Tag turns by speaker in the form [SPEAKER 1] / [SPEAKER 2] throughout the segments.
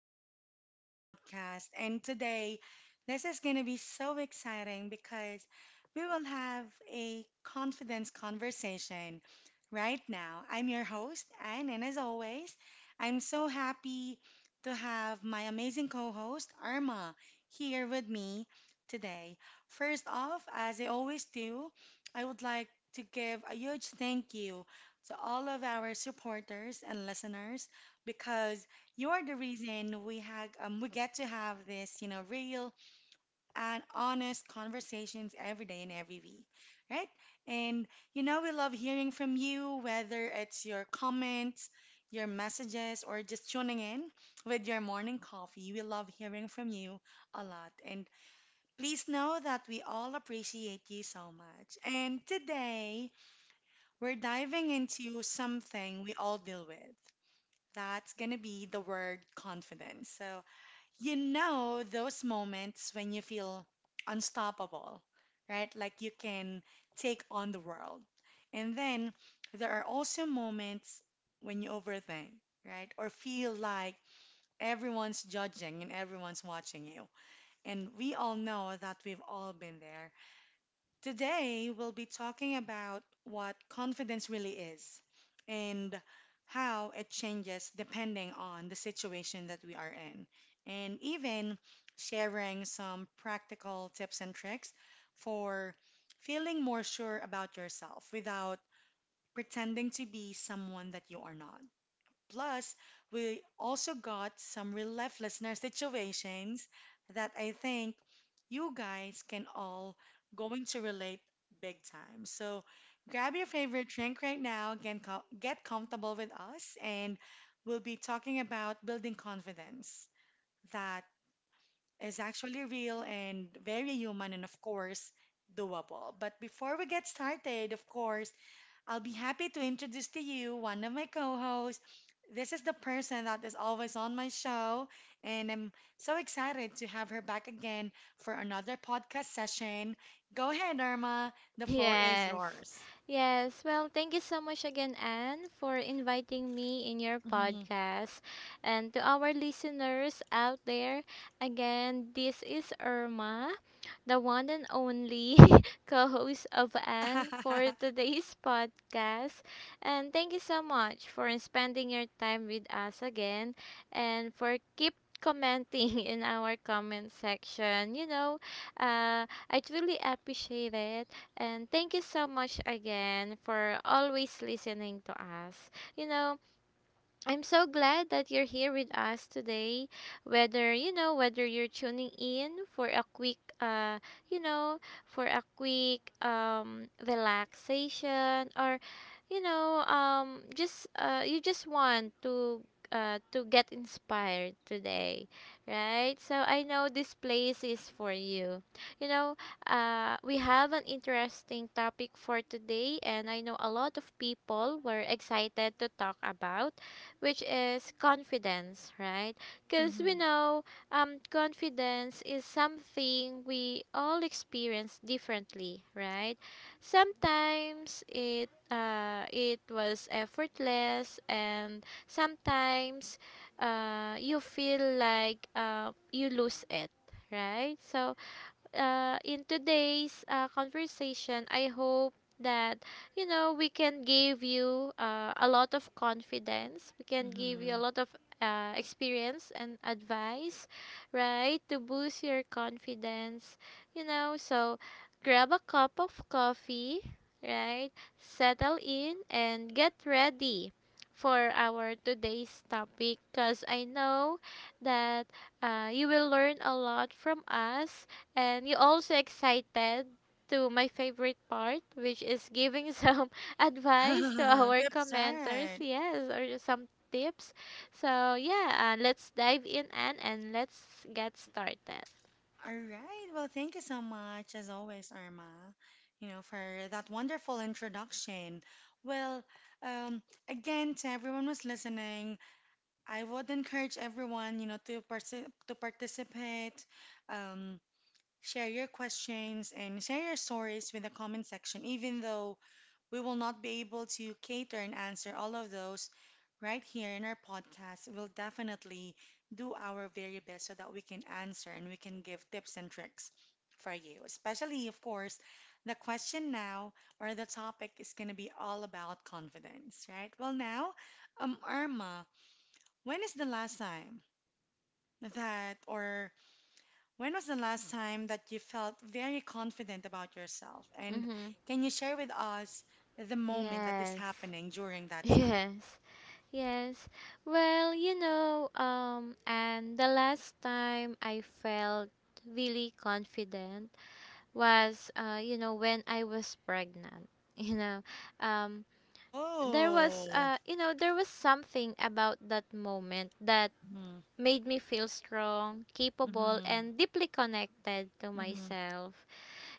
[SPEAKER 1] back to another podcast. And today, this is going to be so exciting because we will have a confidence conversation right now. I'm your host, Anne, and as always, I'm so happy to have my amazing co host, Arma, here with me today. First off, as I always do, I would like to give a huge thank you to all of our supporters and listeners because you are the reason we get to have this real and honest conversations every day and every week, right, and we love hearing from you whether it's your comments, your messages, or just tuning in with your morning coffee. We love hearing from you a lot, and please know that we all appreciate you so much. And today we're diving into something we all deal with. That's going to be the word confidence. So, those moments when you feel unstoppable, right? Like you can take on the world. And then there are also moments when you overthink, right? Or feel like everyone's judging and everyone's watching you. And we all know that we've all been there. Today, we'll be talking about what confidence really is and how it changes depending on the situation that we are in, and even sharing some practical tips and tricks for feeling more sure about yourself without pretending to be someone that you are not. Plus, we also got some real life listener situations that I think you guys can all going to relate big time. So grab your favorite drink right now, again, get comfortable with us, and we'll be talking about building confidence that is actually real and very human and of course doable. But before we get started, of course, I'll be happy to introduce to you one of my co hosts. This is the person that is always on my show, and I'm so excited to have her back again for another podcast session. Go ahead, Irma. The floor is
[SPEAKER 2] Yes.
[SPEAKER 1] yours.
[SPEAKER 2] Yes. Well, thank you so much again, Anne, for inviting me in your
[SPEAKER 1] Mhm.
[SPEAKER 2] podcast. And to our listeners out there, again, this is Irma, the one and only co host of Anne for today's podcast. And thank you so much for spending your time with us again and for keep commenting in our comment section. I truly appreciate it, and thank you so much again for always listening to us. You know, I'm so glad that you're here with us today. Whether you're tuning in for a you know, quick relaxation, or you just want to get inspired today, right? So I know this place is for you. You know, we have an interesting topic for today, and I know a lot of people were excited to talk about, which is confidence, right? Because we
[SPEAKER 1] Mhm.
[SPEAKER 2] know confidence is something we all experience differently, right? Sometimes it was effortless, and sometimes you feel like you lose it, right? So in today's conversation, I hope that you know we can give you a lot of confidence. We can give you a
[SPEAKER 1] Mhm.
[SPEAKER 2] lot of experience and advice, right, to boost your confidence. You know, so grab a cup of coffee, right? Settle in and get ready for our today's topic because I know that you will learn a lot from us, and you also excited to my favorite part, which is giving some advice to our
[SPEAKER 1] That's
[SPEAKER 2] commenters,
[SPEAKER 1] right.
[SPEAKER 2] yes, or some tips. So yeah, let's dive in, and let's get started.
[SPEAKER 1] All right. Well, thank you so much, as always, Irma, for that wonderful introduction. Well, again, to everyone who's listening, I would encourage everyone, to participate. um, Share your questions and share your stories with the comment section, even though we will not be able to cater and answer all of those right here in our podcast. We'll definitely do our very best so that we can answer and we can give tips and tricks for you. Especially, of course, the question now or the topic is going to be all about confidence, right? Well, now, Irma. When is the last time that, or when was the last time that you felt very confident about yourself? And
[SPEAKER 2] Mm-hmm.
[SPEAKER 1] can you share with us the moment that is
[SPEAKER 2] Yes.
[SPEAKER 1] happening during that time?
[SPEAKER 2] Yes. Yes. Well, and the last time I felt really confident was, when I was pregnant. You know, um, there was
[SPEAKER 1] Oh.
[SPEAKER 2] there was something about that moment that
[SPEAKER 1] Mhm.
[SPEAKER 2] made me feel strong, capable,
[SPEAKER 1] Mhm.
[SPEAKER 2] and deeply connected to
[SPEAKER 1] Mhm.
[SPEAKER 2] myself.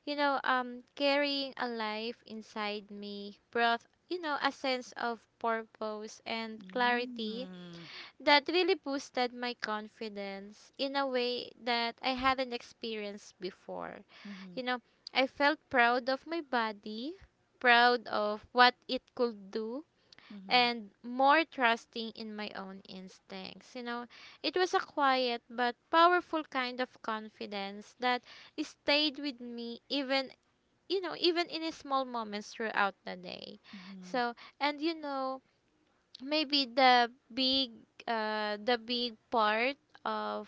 [SPEAKER 2] Carrying a life inside me brought, you know, a sense of purpose and clarity
[SPEAKER 1] Mm.
[SPEAKER 2] that really boosted my confidence in a way that I hadn't experienced before.
[SPEAKER 1] Mhm.
[SPEAKER 2] You know, I felt proud of my body, proud of what it could do,
[SPEAKER 1] Mhm.
[SPEAKER 2] and more trusting in my own instincts. You know, it was a quiet but powerful kind of confidence that stayed with me, even, you know, even in small moments throughout the day.
[SPEAKER 1] Mhm.
[SPEAKER 2] So, and you know, maybe the big part of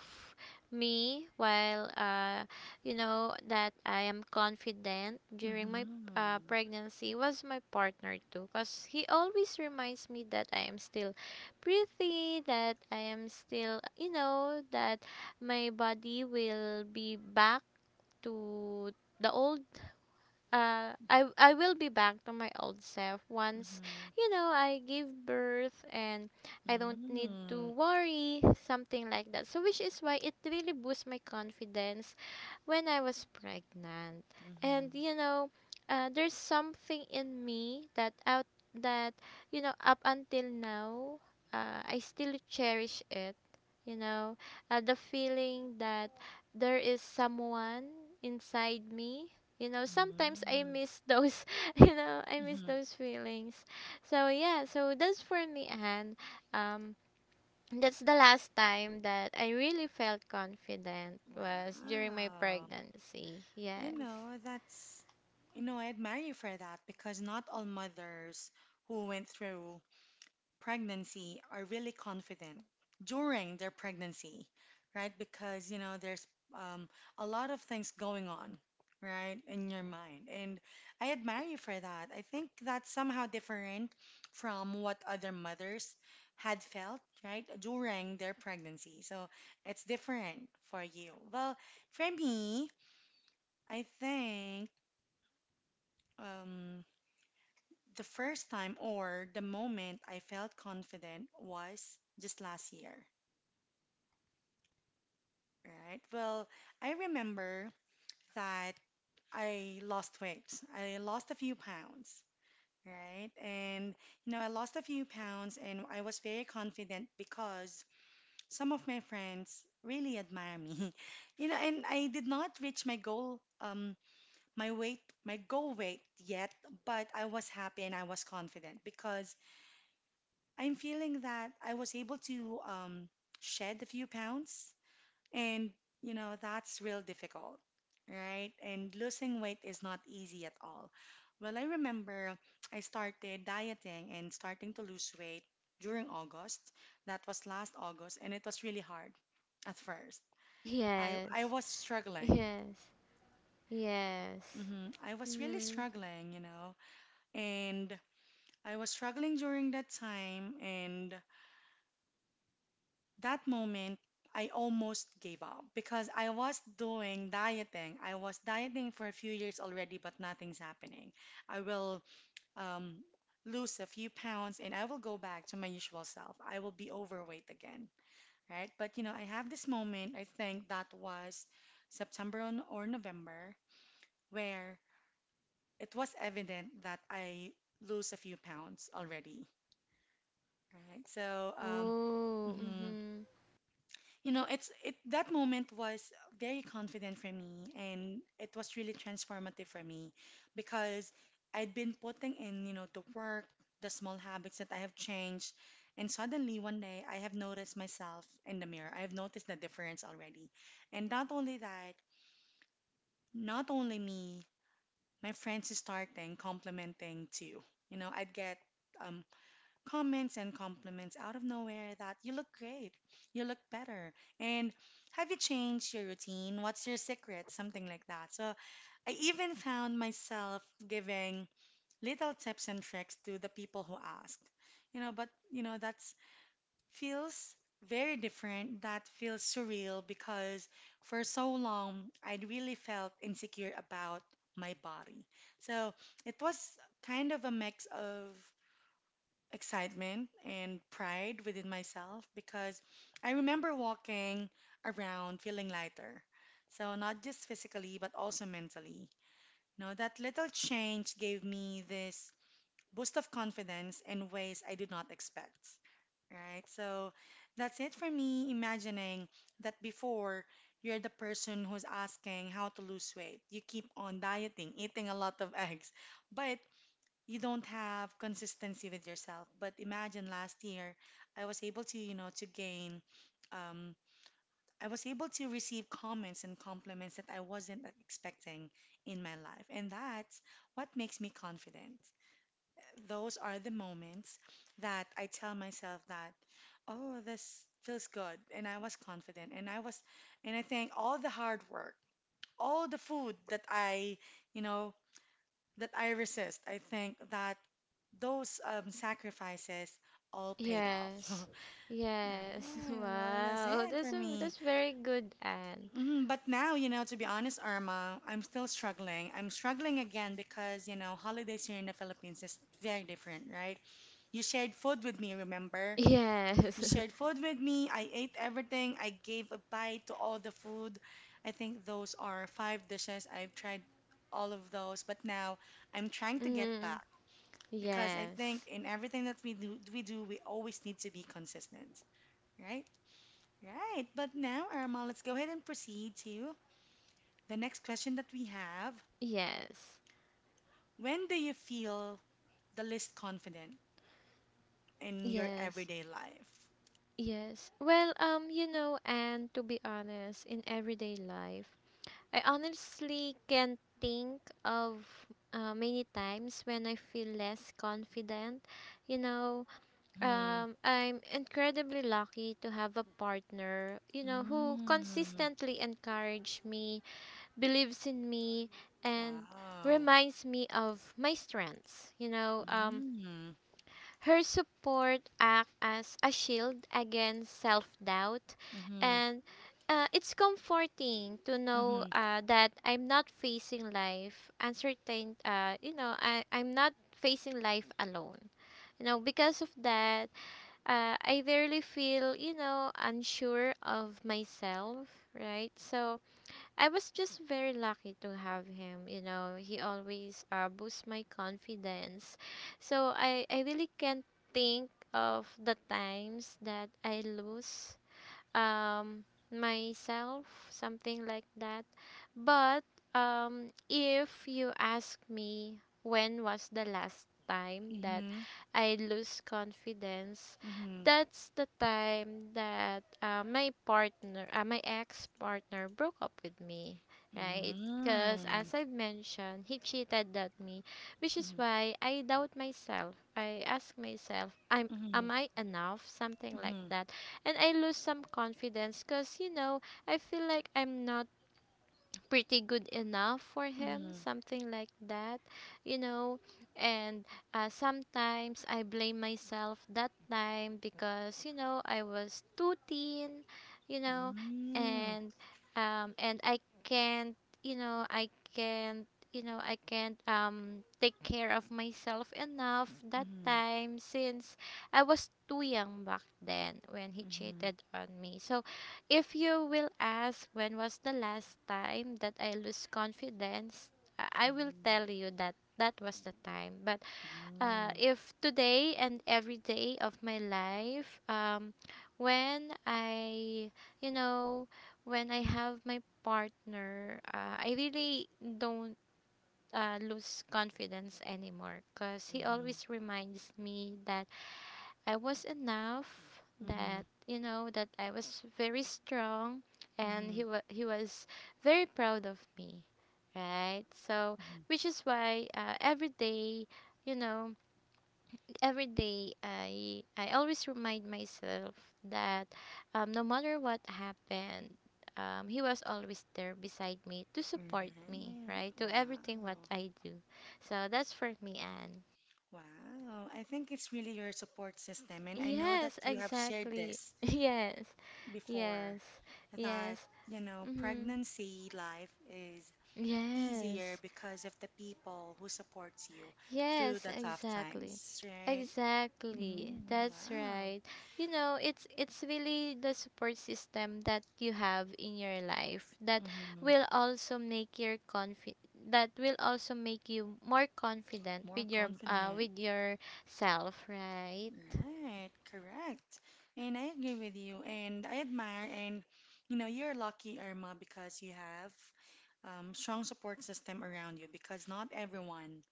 [SPEAKER 2] me while you know, that I am confident during my
[SPEAKER 1] Mhm.
[SPEAKER 2] pregnancy was my partner too, because he always reminds me that I am still pretty, that I am still, you know, that my body will be back to the old, I will be back to my old self once,
[SPEAKER 1] Mhm.
[SPEAKER 2] you know, I give birth, and I don't need
[SPEAKER 1] Mm.
[SPEAKER 2] to worry something like that, so which is why it really boosts my confidence when I was pregnant.
[SPEAKER 1] Mhm.
[SPEAKER 2] And you know, there's something in me that, you know, up until now, I still cherish it. You know, the feeling that there is someone inside me. You know, sometimes I
[SPEAKER 1] Mhm.
[SPEAKER 2] miss those. You know, I miss
[SPEAKER 1] Mhm.
[SPEAKER 2] those feelings. So yeah, so that's for me, Anne. Um, that's the last time that I really felt confident was during my
[SPEAKER 1] Wow.
[SPEAKER 2] pregnancy. Yes.
[SPEAKER 1] You know, that's, you know, I admire you for that because not all mothers who went through pregnancy are really confident during their pregnancy, right? Because, there's um, a lot of things going on, right, in your mind. And I admire you for that. I think that's somehow different from what other mothers had felt, right, during their pregnancy. So it's different for you. Well, for me, I think. Um, the first time or the moment I felt confident was just last year, right? Well, I remember that I lost weight. I lost a few pounds, right? And, I lost a few pounds and I was very confident because some of my friends really admire me. And I did not reach my goal, my weight, my goal weight yet, but I was happy and I was confident because I'm feeling that I was able to shed a few pounds, and that's real difficult, right? And losing weight is not easy at all. Well, I remember I started dieting and starting to lose weight during August. That was last August, and it was really hard at first. I
[SPEAKER 2] Yes.
[SPEAKER 1] was struggling.
[SPEAKER 2] Yes. Yes.
[SPEAKER 1] I was really
[SPEAKER 2] Mhm.
[SPEAKER 1] struggling, and I was struggling during that time, and that moment, I almost gave up because I was doing dieting. I was dieting for a few years already, but nothing's happening. I will um, lose a few pounds and I will go back to my usual self. I will be overweight again, right? But I have this moment, I think that was September on- or November, where it was evident that I lose a few pounds already, right? So,
[SPEAKER 2] Oh.
[SPEAKER 1] mhm.
[SPEAKER 2] Mhm.
[SPEAKER 1] You know, it's it that moment was very confident for me and it was really transformative for me because I'd been putting in, the work, the small habits that I have changed, and suddenly one day I have noticed myself in the mirror. I have noticed the difference already. And not only that, not only me, my friends is starting complimenting too. I'd get um comments and compliments out of nowhere that you look great, you look better, and have you changed your routine? What's your secret? Something like that. So I even found myself giving little tips and tricks to the people who asked. That's feels very different. That feels surreal because for so long I really felt insecure about my body. So it was kind of a mix of excitement and pride within myself because I remember walking around feeling lighter. So, not just physically, but also mentally. You that little change gave me this boost of confidence in ways I did not expect. Right? So, that's it for me imagining that before you're the person who's asking how to lose weight, you keep on dieting, eating a lot of eggs, but you don't have consistency with yourself. But imagine last year, I was able to gain, um, I was able to receive comments and compliments that I wasn't expecting in my life. And that's what makes me confident. Those are the moments that I tell myself that, oh, this feels good. And I was confident. And I think all the hard work, all the food you know, that I resist. I think that those sacrifices all paid off.
[SPEAKER 2] Yes. Yes.
[SPEAKER 1] Yeah, that's
[SPEAKER 2] Wow.
[SPEAKER 1] it for me.
[SPEAKER 2] That's very good, Anne.
[SPEAKER 1] Mhm. But now, to be honest, Irma, I'm still struggling. I'm struggling again because, holidays here in the Philippines is very different, right? You shared food with me, remember? You
[SPEAKER 2] Yes.
[SPEAKER 1] shared food with me. I ate everything. I gave a bite to all the food. I think those are five dishes. I've tried all of those, but now I'm trying to get
[SPEAKER 2] Mhm.
[SPEAKER 1] back because I think
[SPEAKER 2] Yes.
[SPEAKER 1] in everything that we always need to be consistent, right? Right. But now, Irma, let's go ahead and proceed to the next question that we have.
[SPEAKER 2] Yes.
[SPEAKER 1] When do you feel the least confident in your
[SPEAKER 2] Yes.
[SPEAKER 1] everyday life?
[SPEAKER 2] Yes. Well, and to be honest, in everyday life, I honestly can think of many times when I feel less confident. You know,
[SPEAKER 1] Mm-hmm.
[SPEAKER 2] I'm incredibly lucky to have a partner, you know, who
[SPEAKER 1] Mm.
[SPEAKER 2] consistently encourages me, believes in me, and
[SPEAKER 1] Wow.
[SPEAKER 2] reminds me of my strengths.
[SPEAKER 1] Mm.
[SPEAKER 2] Her support act as a shield against self-doubt,
[SPEAKER 1] Mm-hmm.
[SPEAKER 2] and it's comforting to
[SPEAKER 1] Mm-hmm.
[SPEAKER 2] know that I'm not facing life uncertain you know, I'm not facing life alone, you know, because of that, I rarely feel, you know, unsure of myself, right? So I was just very lucky to have him. You know, he always boosts my confidence. So I really can't think of the times that I lose um myself, something like that. But if you ask me, when was the last time that
[SPEAKER 1] Mm-hmm.
[SPEAKER 2] I lose confidence?
[SPEAKER 1] Mm-hmm.
[SPEAKER 2] That's the time that my ex partner broke up with me, right, because
[SPEAKER 1] Mm.
[SPEAKER 2] as I've mentioned, he cheated at me, which is
[SPEAKER 1] Mm-hmm.
[SPEAKER 2] why I doubt myself, I ask myself, I'm
[SPEAKER 1] Mm-hmm.
[SPEAKER 2] am I enough, something like
[SPEAKER 1] Mm-hmm.
[SPEAKER 2] that. And I lose some confidence, because you know, I feel like I'm not pretty good enough for him,
[SPEAKER 1] Mm-hmm.
[SPEAKER 2] something like that, you know. And sometimes I blame myself that time because, you know, I was too thin, you know,
[SPEAKER 1] Mm.
[SPEAKER 2] and and I can't, you know, I can't you know, I can't take care of myself enough that
[SPEAKER 1] Mm-hmm.
[SPEAKER 2] time, since I was too young back then when he
[SPEAKER 1] Mm-hmm.
[SPEAKER 2] cheated on me. So if you will ask, when was the last time that I lose confidence, I will
[SPEAKER 1] Mm,
[SPEAKER 2] tell you that that was the time. But
[SPEAKER 1] mm,
[SPEAKER 2] if today and every day of my life, when you know, when I have my partner, I really don't lose confidence anymore, because he
[SPEAKER 1] mhm,
[SPEAKER 2] always reminds me that I was enough,
[SPEAKER 1] mhm,
[SPEAKER 2] that you know, that I was very strong, and
[SPEAKER 1] mhm,
[SPEAKER 2] he was very proud of me, right? So
[SPEAKER 1] mhm.
[SPEAKER 2] which is why every day you know every day I always remind myself that, no matter what happened, he was always there beside me to
[SPEAKER 1] Right.
[SPEAKER 2] support me, right, to everything what
[SPEAKER 1] Wow.
[SPEAKER 2] I do. So that's for me, Anne.
[SPEAKER 1] Wow. I think it's really your support system. And I know that
[SPEAKER 2] Yes,
[SPEAKER 1] you have shared
[SPEAKER 2] exactly.
[SPEAKER 1] this
[SPEAKER 2] Yes.
[SPEAKER 1] before
[SPEAKER 2] Yes,
[SPEAKER 1] that,
[SPEAKER 2] yes, mm-hmm.
[SPEAKER 1] pregnancy life is easier
[SPEAKER 2] Yes,
[SPEAKER 1] because of the people who supports you through
[SPEAKER 2] yes,
[SPEAKER 1] the tough
[SPEAKER 2] exactly,
[SPEAKER 1] times, right?
[SPEAKER 2] exactly.
[SPEAKER 1] Mm,
[SPEAKER 2] That's
[SPEAKER 1] wow.
[SPEAKER 2] right. You know, it's really the support system that you have in your life that
[SPEAKER 1] hmm
[SPEAKER 2] will also make your confi that will also make you more confident
[SPEAKER 1] More
[SPEAKER 2] with your
[SPEAKER 1] confident.
[SPEAKER 2] with yourself, right?
[SPEAKER 1] Right, correct. And I agree with you. And I admire, and you're lucky, Irma, because you have strong support system around you because not everyone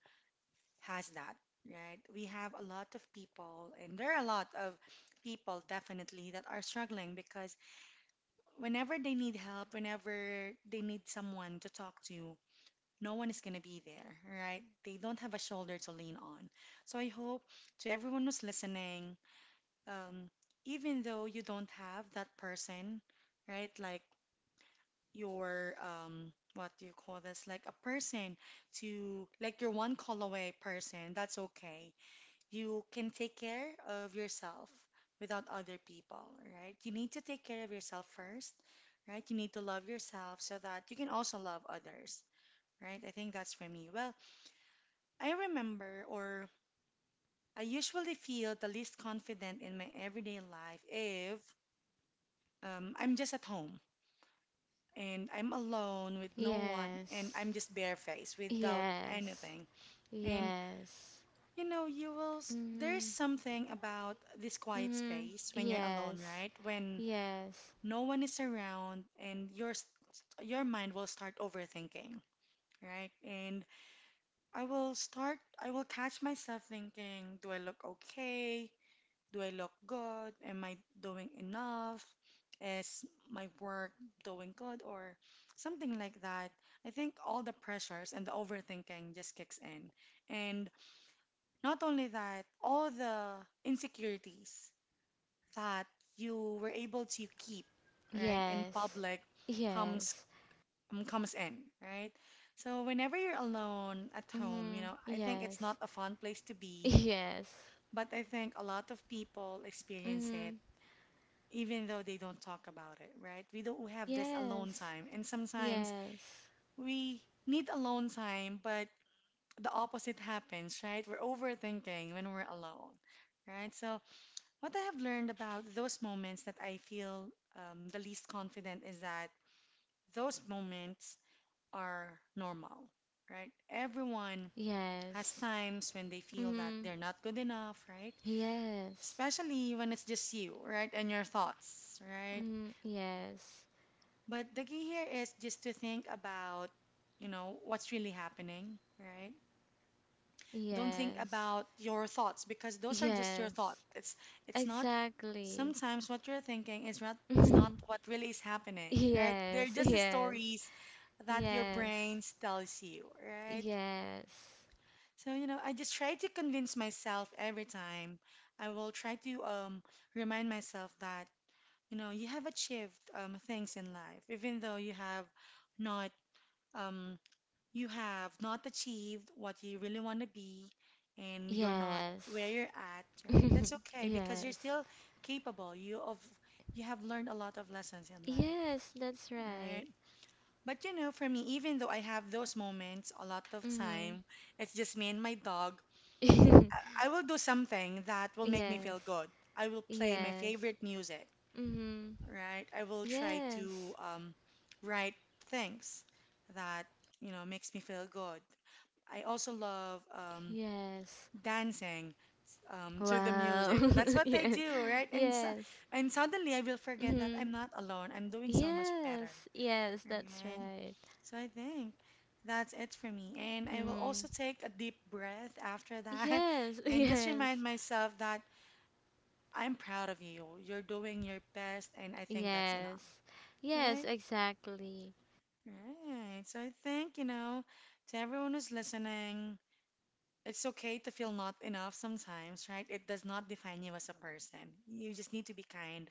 [SPEAKER 1] has that, right? We have a lot of people, and there are a lot of people definitely that are struggling because whenever they need help, whenever they need someone to talk to, no one is going to be there, right? They don't have a shoulder to lean on. So I hope to everyone who's listening, um, even though you don't have that person, right? Like your what do you call this? Like a person to like your one call away person. That's okay. You can take care of yourself without other people, right? You need to take care of yourself first, right? You need to love yourself so that you can also love others, right? I think that's for me. Well, I remember or I usually feel the least confident in my everyday life if I'm just at home and I'm alone with no one and
[SPEAKER 2] Yes,
[SPEAKER 1] I'm just barefaced without
[SPEAKER 2] yes,
[SPEAKER 1] anything. And
[SPEAKER 2] yes.
[SPEAKER 1] there's
[SPEAKER 2] Mm-hmm.
[SPEAKER 1] something about this quiet
[SPEAKER 2] Mm-hmm.
[SPEAKER 1] space when you're alone,
[SPEAKER 2] Yes.
[SPEAKER 1] right? When
[SPEAKER 2] Yes.
[SPEAKER 1] no one is around and your mind will start overthinking, right? And I will catch myself thinking, do I look okay? Do I look good? Am I doing enough? Is my work doing good? Or something like that. I think all the pressures and the overthinking just kicks in. And not only that, all the insecurities that you were able to keep, right, in
[SPEAKER 2] Yes.
[SPEAKER 1] public comes
[SPEAKER 2] Yes.
[SPEAKER 1] comes in, right? So whenever you're alone at home,
[SPEAKER 2] Mm-hmm.
[SPEAKER 1] I think it's not
[SPEAKER 2] Yes.
[SPEAKER 1] a fun place to be,
[SPEAKER 2] Yes.
[SPEAKER 1] but I think a lot of people experience it
[SPEAKER 2] Mm-hmm.
[SPEAKER 1] even though they don't talk about it, right? We don't have this alone
[SPEAKER 2] Yes.
[SPEAKER 1] time. And sometimes
[SPEAKER 2] Yes.
[SPEAKER 1] we need alone time, but the opposite happens, right? We're overthinking when we're alone, right? So, what I have learned about those moments that I feel the least confident is that those moments are normal, right? Everyone has
[SPEAKER 2] Yes.
[SPEAKER 1] times when they feel that
[SPEAKER 2] Mm-hmm.
[SPEAKER 1] they're not good enough, right?
[SPEAKER 2] Yes.
[SPEAKER 1] Especially when it's just you, right? And your thoughts, right?
[SPEAKER 2] Mm-hmm. Yes.
[SPEAKER 1] But the key here is just to think about, what's really happening, right? Don't think
[SPEAKER 2] Yes.
[SPEAKER 1] about your thoughts because those are just your thoughts.
[SPEAKER 2] Yes.
[SPEAKER 1] It's not,
[SPEAKER 2] Exactly.
[SPEAKER 1] sometimes what you're thinking is not what really is happening, right? They're
[SPEAKER 2] Yes.
[SPEAKER 1] just
[SPEAKER 2] Yes.
[SPEAKER 1] stories that your
[SPEAKER 2] Yes.
[SPEAKER 1] brain tells you, right?
[SPEAKER 2] Yes.
[SPEAKER 1] So, I just try to convince myself every time. I will try to remind myself that, you know, you have achieved things in life, even though not um, you have not achieved what you really want to be and you're not where
[SPEAKER 2] Yes.
[SPEAKER 1] you're at, right? That's okay because you're
[SPEAKER 2] Yes.
[SPEAKER 1] still capable. You have learned a lot of lessons in life,
[SPEAKER 2] Yes, that's right.
[SPEAKER 1] right? But for me, even though I have those moments a lot of
[SPEAKER 2] Mhm.
[SPEAKER 1] time, it's just me and my dog. I will do something that will make me
[SPEAKER 2] Yes.
[SPEAKER 1] feel good. I will play my
[SPEAKER 2] Yes.
[SPEAKER 1] favorite music,
[SPEAKER 2] Mhm.
[SPEAKER 1] right? I will try to
[SPEAKER 2] Yes.
[SPEAKER 1] write things that makes me feel good. I also love
[SPEAKER 2] Yes.
[SPEAKER 1] dancing to the
[SPEAKER 2] Wow.
[SPEAKER 1] music. That's what I
[SPEAKER 2] Yes.
[SPEAKER 1] do, right? And so,
[SPEAKER 2] Yes.
[SPEAKER 1] and suddenly I will forget that
[SPEAKER 2] Mhm.
[SPEAKER 1] I'm not alone. I'm doing so much better,
[SPEAKER 2] Yes. Yes, that's
[SPEAKER 1] right?
[SPEAKER 2] right.
[SPEAKER 1] So I think that's it for me. And I will
[SPEAKER 2] Mm.
[SPEAKER 1] also take a deep breath after that
[SPEAKER 2] Yes.
[SPEAKER 1] and just
[SPEAKER 2] Yes.
[SPEAKER 1] remind myself that I'm proud of you. You're doing your best, and I think that's enough,
[SPEAKER 2] Yes. Yes,
[SPEAKER 1] right?
[SPEAKER 2] exactly.
[SPEAKER 1] Right. So I think, to everyone who's listening, it's okay to feel not enough sometimes, right? It does not define you as a person. You just need to be kind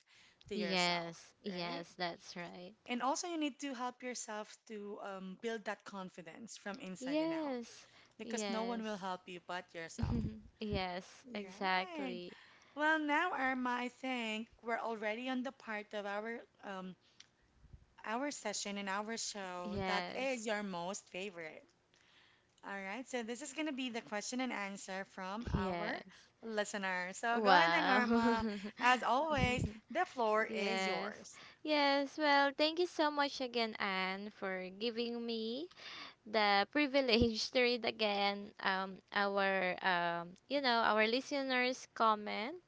[SPEAKER 1] to yourself,
[SPEAKER 2] Yes.
[SPEAKER 1] right?
[SPEAKER 2] Yes, that's right.
[SPEAKER 1] And also, you need to help yourself to build that confidence from inside and out
[SPEAKER 2] Yes.
[SPEAKER 1] because no one will
[SPEAKER 2] Yes.
[SPEAKER 1] help you but yourself.
[SPEAKER 2] Yes,
[SPEAKER 1] Right.
[SPEAKER 2] exactly.
[SPEAKER 1] Well, now, Irma, I think we're already on the part of um, our session and our show that
[SPEAKER 2] Yes.
[SPEAKER 1] is your most favorite. All right, so this is going to be the question and answer from our
[SPEAKER 2] Yes.
[SPEAKER 1] listener. So go ahead then,
[SPEAKER 2] Wow.
[SPEAKER 1] Irma. As always, the floor is
[SPEAKER 2] Yes.
[SPEAKER 1] yours.
[SPEAKER 2] Yes. Well, thank you so much again, Anne, for giving me the privilege to read again our our listeners' comment.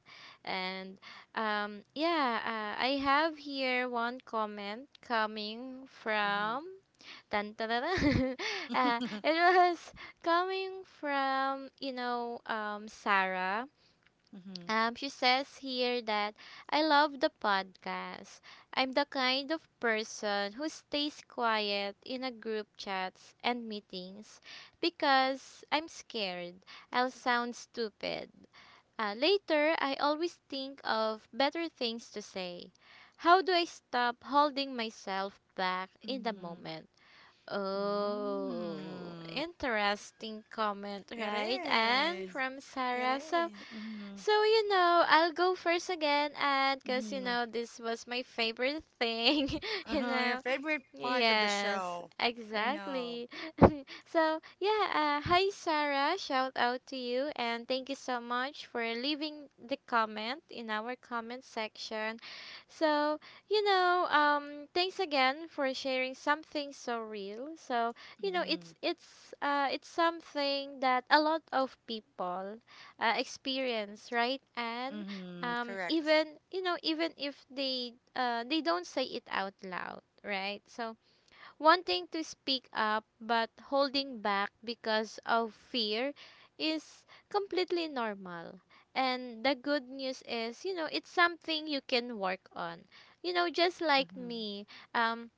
[SPEAKER 2] And yeah I have here one comment coming
[SPEAKER 1] Mm-hmm.
[SPEAKER 2] from tan tan tan, tan. It was coming from, you know, Sarah.
[SPEAKER 1] Mm-hmm.
[SPEAKER 2] She says here that I love the podcast. I'm the kind of person who stays quiet in a group chats and meetings because I'm scared I'll sound stupid. Later, I always think of better things to say. How do I stop holding myself back in the moment?
[SPEAKER 1] Mm-hmm.
[SPEAKER 2] Oh,
[SPEAKER 1] Mm.
[SPEAKER 2] interesting comment,
[SPEAKER 1] It
[SPEAKER 2] right? And
[SPEAKER 1] is.
[SPEAKER 2] from
[SPEAKER 1] Hmm
[SPEAKER 2] Sarah. So,
[SPEAKER 1] is. Mm-hmm.
[SPEAKER 2] so, you know, I'll go first again, and because, you
[SPEAKER 1] Mm-hmm.
[SPEAKER 2] know, this was my favorite thing, you
[SPEAKER 1] Uh-huh. Your
[SPEAKER 2] know.
[SPEAKER 1] favorite part of the
[SPEAKER 2] Yes,
[SPEAKER 1] show. I know.
[SPEAKER 2] exactly. So, yeah, hi, Sarah. Shout out to you, and thank you so much for leaving the comment in our comment section. So, thanks again for sharing something so real. So, you know,
[SPEAKER 1] Mm-hmm.
[SPEAKER 2] it's something that a lot of people experience, right? And
[SPEAKER 1] Mm-hmm. Correct.
[SPEAKER 2] even you know, even if they don't say it out loud, right? So wanting to speak up but holding back because of fear is completely normal. And the good news is, you know, it's something you can work on. You know, just like
[SPEAKER 1] Mm-hmm.
[SPEAKER 2] me, um,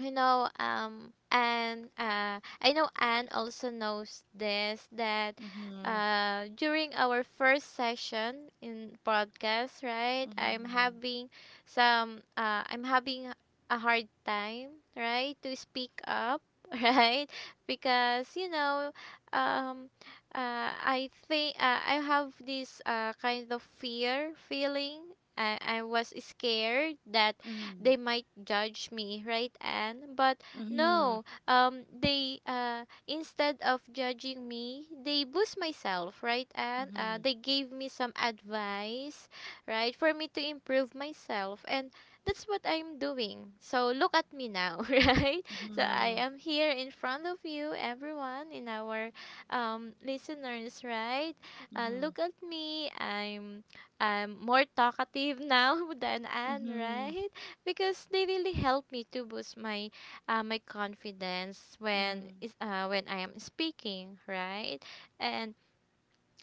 [SPEAKER 2] you know and I know Anne also knows this, that
[SPEAKER 1] Mm-hmm.
[SPEAKER 2] during our first session in podcast, right, I'm
[SPEAKER 1] Mm-hmm.
[SPEAKER 2] having some I'm having a hard time, right, to speak up, right? Because you know, um I have this kind of fear feeling. I was scared that
[SPEAKER 1] Mm-hmm.
[SPEAKER 2] they might judge me, right, Anne? But
[SPEAKER 1] Mm-hmm.
[SPEAKER 2] no, they instead of judging me, they boost myself, right, Anne? They gave me some advice, right, for me to improve myself, and that's what I'm doing. So look at me now, right? So I
[SPEAKER 1] Mm-hmm.
[SPEAKER 2] am here in front of you, everyone, in our listeners, right?
[SPEAKER 1] Mhm.
[SPEAKER 2] Look at me. I'm more talkative now than Anne,
[SPEAKER 1] Mhm.
[SPEAKER 2] right? Because they really help me to boost my confidence
[SPEAKER 1] Mhm.
[SPEAKER 2] when I am speaking, right? And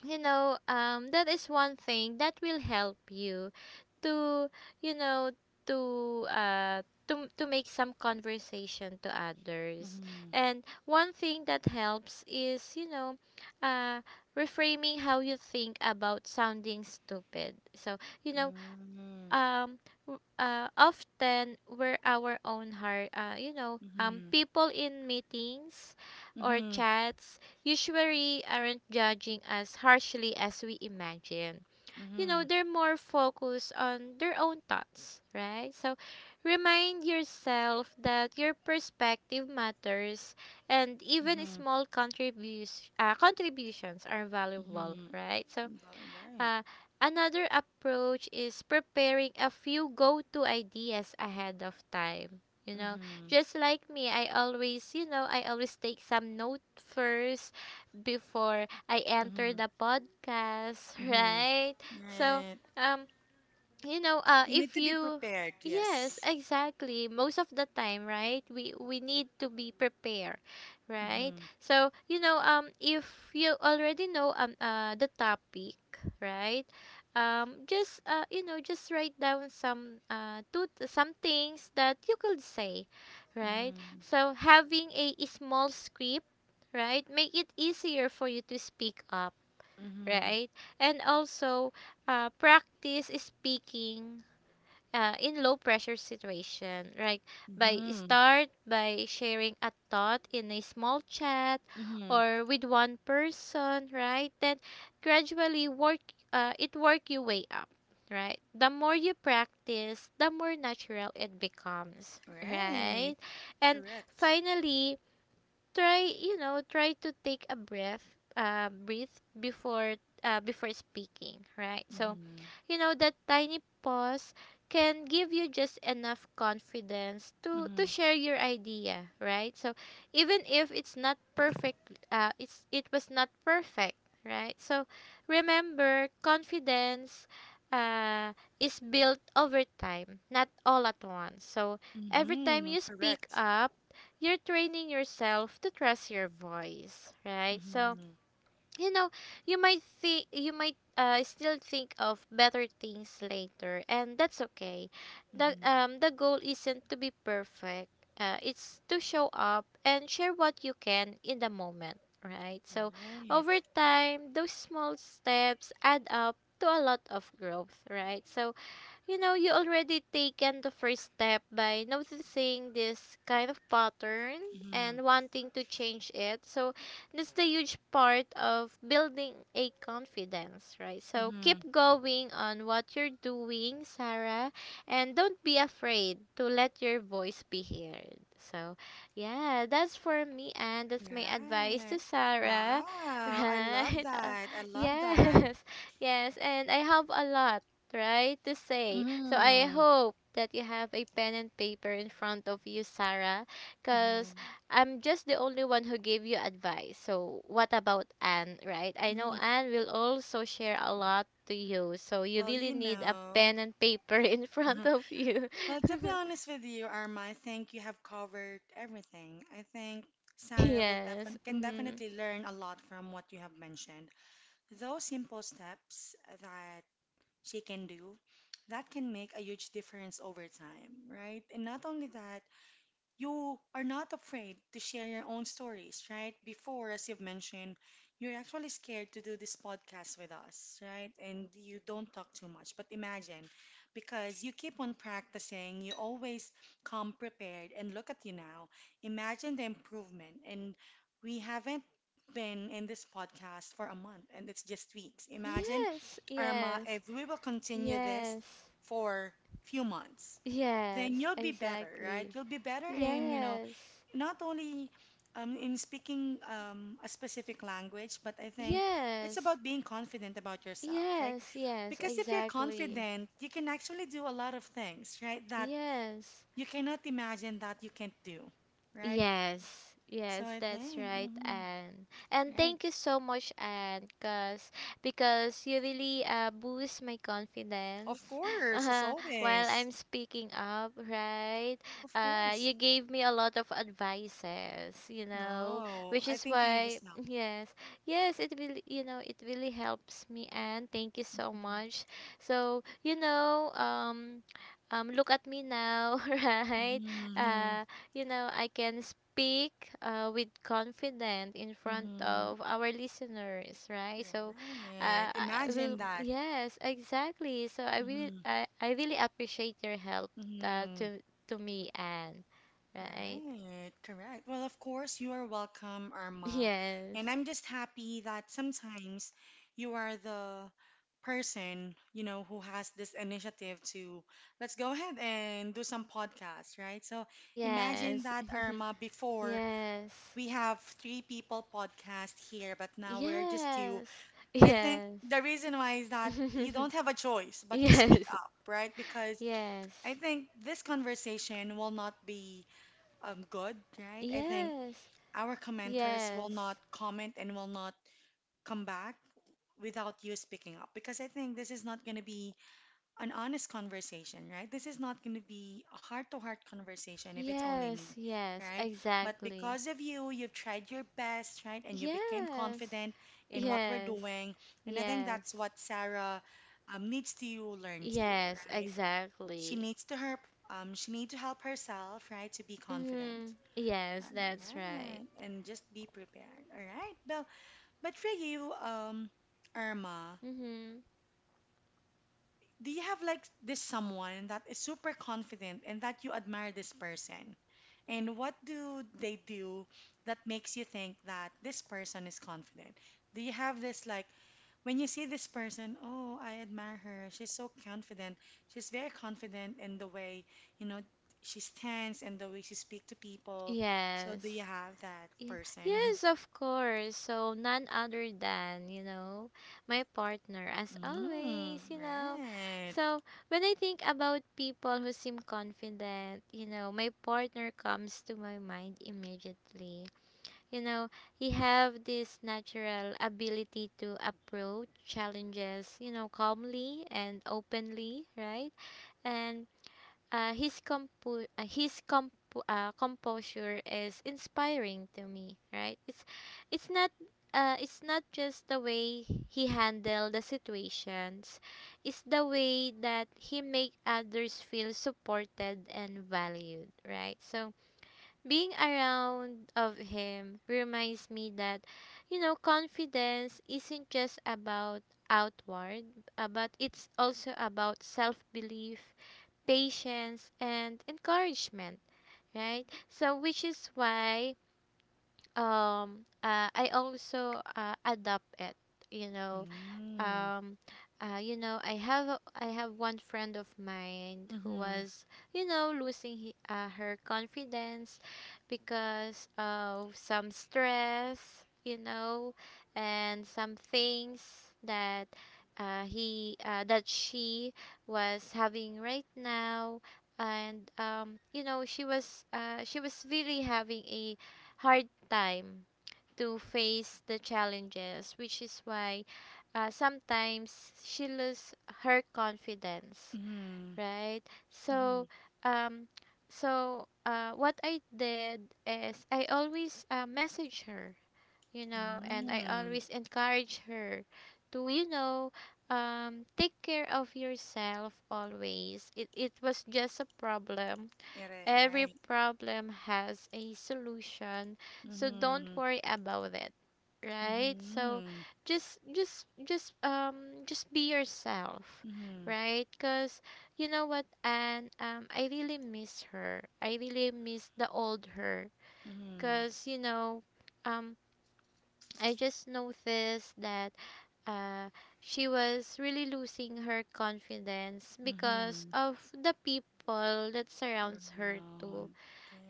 [SPEAKER 2] you know, that is one thing that will help you to you know to uh to make some conversation to others.
[SPEAKER 1] Mhm.
[SPEAKER 2] And one thing that helps is uh, reframing how you think about sounding stupid. So you know
[SPEAKER 1] Mhm.
[SPEAKER 2] um often we're our own heart,
[SPEAKER 1] Mhm.
[SPEAKER 2] people in meetings or
[SPEAKER 1] Mhm.
[SPEAKER 2] chats usually aren't judging as harshly as we imagine, you know.
[SPEAKER 1] Mhm.
[SPEAKER 2] They're more focused on their own thoughts, right? So remind yourself that your perspective matters, and even
[SPEAKER 1] Mhm.
[SPEAKER 2] small contributions are valuable,
[SPEAKER 1] Mhm.
[SPEAKER 2] right? So
[SPEAKER 1] Right.
[SPEAKER 2] uh, another approach is preparing a few go to ideas ahead of time. You
[SPEAKER 1] Right.
[SPEAKER 2] know,
[SPEAKER 1] Mhm.
[SPEAKER 2] just like me, I always, you know, I always take some note first before I enter
[SPEAKER 1] Mhm.
[SPEAKER 2] the podcast,
[SPEAKER 1] Mhm.
[SPEAKER 2] right? So,
[SPEAKER 1] Right.
[SPEAKER 2] um, you know,
[SPEAKER 1] You need
[SPEAKER 2] if
[SPEAKER 1] to be
[SPEAKER 2] you
[SPEAKER 1] prepared.
[SPEAKER 2] yes
[SPEAKER 1] Yes.
[SPEAKER 2] exactly most of the time, right? We need to be prepared, right?
[SPEAKER 1] Mhm.
[SPEAKER 2] So if you already know the topic, right? Just you know, just write down some two some things that you could say, right?
[SPEAKER 1] Mhm.
[SPEAKER 2] So having a small script, right, make it easier for you to speak up,
[SPEAKER 1] Mhm.
[SPEAKER 2] right? And also, practice speaking, in low pressure situation, right? By
[SPEAKER 1] Mhm.
[SPEAKER 2] start by sharing a thought in a small chat
[SPEAKER 1] Mhm.
[SPEAKER 2] or with one person, right? Then gradually work your way up, right? The more you practice, the more natural it becomes, right?
[SPEAKER 1] Right.
[SPEAKER 2] And
[SPEAKER 1] Correct.
[SPEAKER 2] finally, try you know try to take a breathe before before speaking, right? So
[SPEAKER 1] Mhm.
[SPEAKER 2] you know that tiny pause can give you just enough confidence to
[SPEAKER 1] Mhm.
[SPEAKER 2] share your idea, right? So even if it's not perfect, it was not perfect, right? So remember, confidence uh is built over time, not all at once. So every time
[SPEAKER 1] Mhm.
[SPEAKER 2] you speak
[SPEAKER 1] Correct.
[SPEAKER 2] up, you're training yourself to trust your voice, right? So,
[SPEAKER 1] Mhm.
[SPEAKER 2] you know, you might think you might still think of better things later, and that's okay. The
[SPEAKER 1] Mhm.
[SPEAKER 2] um the goal isn't to be perfect. It's to show up and share what you can in the moment, right? So,
[SPEAKER 1] Right.
[SPEAKER 2] over time, those small steps add up to a lot of growth, right? So, you know, you already taken the first step by noticing this kind of pattern
[SPEAKER 1] Mhm.
[SPEAKER 2] and wanting to change it. So that's the huge part of building a confidence, right? So
[SPEAKER 1] Mhm.
[SPEAKER 2] keep going on what you're doing, Sarah, and don't be afraid to let your voice be heard. So, yeah, that's for me, and that's my advice to
[SPEAKER 1] Right.
[SPEAKER 2] Sarah,
[SPEAKER 1] Wow. I love
[SPEAKER 2] right? Uh,
[SPEAKER 1] that. I love that.
[SPEAKER 2] yes, yes, and I have a lot right to say. So I
[SPEAKER 1] Mm-hmm.
[SPEAKER 2] hope that you have a pen and paper in front of you, Sarah, because
[SPEAKER 1] Mm-hmm.
[SPEAKER 2] I'm just the only one who gave you advice. So what about Anne, right? I know
[SPEAKER 1] Hmm.
[SPEAKER 2] Anne will also share a lot to you. So you
[SPEAKER 1] Well,
[SPEAKER 2] really
[SPEAKER 1] you
[SPEAKER 2] need a
[SPEAKER 1] know.
[SPEAKER 2] pen and paper in front of you.
[SPEAKER 1] Well, to be honest with you, Arma, I think you have covered everything. I think Sarah will
[SPEAKER 2] Yes.
[SPEAKER 1] defin can
[SPEAKER 2] Mhm.
[SPEAKER 1] definitely learn a lot from what you have mentioned. Those simple steps that she can do, that can make a huge difference over time, right? And not only that, you are not afraid to share your own stories, right? Before, as you've mentioned, you're actually scared to do this podcast with us, right? And you don't talk too much. But imagine, because you keep on practicing, you always come prepared, and look at you now. Imagine the improvement. And we haven't been in this podcast for a month, and it's just weeks. Imagine,
[SPEAKER 2] Yes.
[SPEAKER 1] Irma,
[SPEAKER 2] Yes.
[SPEAKER 1] if we will continue this
[SPEAKER 2] Yes.
[SPEAKER 1] for few months then
[SPEAKER 2] Yes.
[SPEAKER 1] you'll be better, right?
[SPEAKER 2] Exactly.
[SPEAKER 1] You'll be better in,
[SPEAKER 2] Yes.
[SPEAKER 1] not only in speaking a specific language, but I think it's
[SPEAKER 2] Yes.
[SPEAKER 1] about being confident about yourself, right?
[SPEAKER 2] Yes, yes,
[SPEAKER 1] Because if you're
[SPEAKER 2] exactly.
[SPEAKER 1] confident, you can actually do a lot of things, right? That
[SPEAKER 2] Yes.
[SPEAKER 1] you cannot imagine that you can't do, right?
[SPEAKER 2] Yes,
[SPEAKER 1] So
[SPEAKER 2] yes,
[SPEAKER 1] I
[SPEAKER 2] that's
[SPEAKER 1] think,
[SPEAKER 2] right,
[SPEAKER 1] mhm,
[SPEAKER 2] and
[SPEAKER 1] right.
[SPEAKER 2] thank you so much, and cause because you really boost my
[SPEAKER 1] Of
[SPEAKER 2] confidence,
[SPEAKER 1] course, as
[SPEAKER 2] while
[SPEAKER 1] always.
[SPEAKER 2] I'm speaking up, right?
[SPEAKER 1] Of course.
[SPEAKER 2] You gave me a lot of advices, you know,
[SPEAKER 1] No,
[SPEAKER 2] which
[SPEAKER 1] I
[SPEAKER 2] is
[SPEAKER 1] think you
[SPEAKER 2] why
[SPEAKER 1] just help.
[SPEAKER 2] yes, yes, it really it really helps me, and thank you so much. So look at me now, right?
[SPEAKER 1] Hmm.
[SPEAKER 2] Uh you know, I can speak, with confidence in front
[SPEAKER 1] Hmm.
[SPEAKER 2] of our listeners, right? So,
[SPEAKER 1] Right. Imagine that.
[SPEAKER 2] yes, exactly. So I really,
[SPEAKER 1] Hmm.
[SPEAKER 2] I really appreciate your help, uh,
[SPEAKER 1] Hmm.
[SPEAKER 2] to to me, Anne, right?
[SPEAKER 1] Right. Correct. Well, of course, you are welcome, Irma.
[SPEAKER 2] Yes,
[SPEAKER 1] And I'm just happy that sometimes you are the person, who has this initiative to let's go ahead and do some podcasts, right? So imagine
[SPEAKER 2] yes,
[SPEAKER 1] that, Irma, before
[SPEAKER 2] yes,
[SPEAKER 1] we have three people podcast here, but now we're just two.
[SPEAKER 2] yes,
[SPEAKER 1] I think
[SPEAKER 2] yes,
[SPEAKER 1] the reason why is that you
[SPEAKER 2] yes,
[SPEAKER 1] don't have a choice but to speak
[SPEAKER 2] yes,
[SPEAKER 1] up, right? Because I
[SPEAKER 2] yes,
[SPEAKER 1] think this conversation will not be good, right? I think
[SPEAKER 2] yes.
[SPEAKER 1] our commenters will not comment and will not come back without you speaking up because I think this is not going to be an honest conversation, right? This is not going to be a heart to heart conversation if it's only
[SPEAKER 2] Yes,
[SPEAKER 1] me,
[SPEAKER 2] yes,
[SPEAKER 1] right? But
[SPEAKER 2] exactly.
[SPEAKER 1] because of you, you've tried your best, right? And you became
[SPEAKER 2] Yes.
[SPEAKER 1] confident in what we're
[SPEAKER 2] Yes.
[SPEAKER 1] doing. And I think
[SPEAKER 2] Yes.
[SPEAKER 1] that's what Sarah needs to learn to,
[SPEAKER 2] Yes,
[SPEAKER 1] right? She
[SPEAKER 2] exactly.
[SPEAKER 1] needs to help. She need to help herself, right, to be confident.
[SPEAKER 2] Mhm. Yes, that's
[SPEAKER 1] All
[SPEAKER 2] right.
[SPEAKER 1] right, and just be prepared. All right. Well, but for you, Irma,
[SPEAKER 2] Mhm.
[SPEAKER 1] do you have like this someone that is super confident and that you admire this person? And what do they do that makes you think that this person is confident? Do you have this like when you see this person, oh, I admire her. She's so confident. She's very confident in the way, you know, she stands and the way she speaks to people. So do you
[SPEAKER 2] Yes.
[SPEAKER 1] have that
[SPEAKER 2] Ye-
[SPEAKER 1] person?
[SPEAKER 2] Yes, of course. So none other than, you know, my partner as always,
[SPEAKER 1] Mm,
[SPEAKER 2] you know.
[SPEAKER 1] right.
[SPEAKER 2] So when I think about people who seem confident, you know, my partner comes to my mind immediately. You know, he have this natural ability to approach challenges, you know, calmly and openly, right? And composure is inspiring to me, right? It's not, it's not just the way he handle the situations. It's the way that he make others feel supported and valued, right? So being around of him reminds me that, you know, confidence isn't just about outward, but it's also about self-belief, patience and encouragement, right? So which is why I also adopt it, you know.
[SPEAKER 1] Mm,
[SPEAKER 2] um you know, I have I have one friend of mine who
[SPEAKER 1] mm-hmm,
[SPEAKER 2] was, you know, losing her confidence because of some stress, you know, and some things that he that she was having right now. And you know, she was really having a hard time to face the challenges, which is why, sometimes she loses her confidence,
[SPEAKER 1] mm-hmm,
[SPEAKER 2] right?
[SPEAKER 1] mm-hmm.
[SPEAKER 2] So, um, so, what I did is I always, message her, you know, and I
[SPEAKER 1] Mm.
[SPEAKER 2] always encourage her to, you know, take care of yourself always. It was just a problem.
[SPEAKER 1] Yeah, right,
[SPEAKER 2] Every
[SPEAKER 1] right.
[SPEAKER 2] problem has a solution, so don't
[SPEAKER 1] Mm-hmm.
[SPEAKER 2] worry about it, right? So
[SPEAKER 1] Mm-hmm.
[SPEAKER 2] just be yourself,
[SPEAKER 1] Mm-hmm.
[SPEAKER 2] right? Cuz you know what, and um, I really miss her. I really miss the old her,
[SPEAKER 1] Mm-hmm.
[SPEAKER 2] cuz you know, um, I just noticed that uh she was really losing her confidence because
[SPEAKER 1] Mm-hmm.
[SPEAKER 2] of the people that surrounds her too,
[SPEAKER 1] Around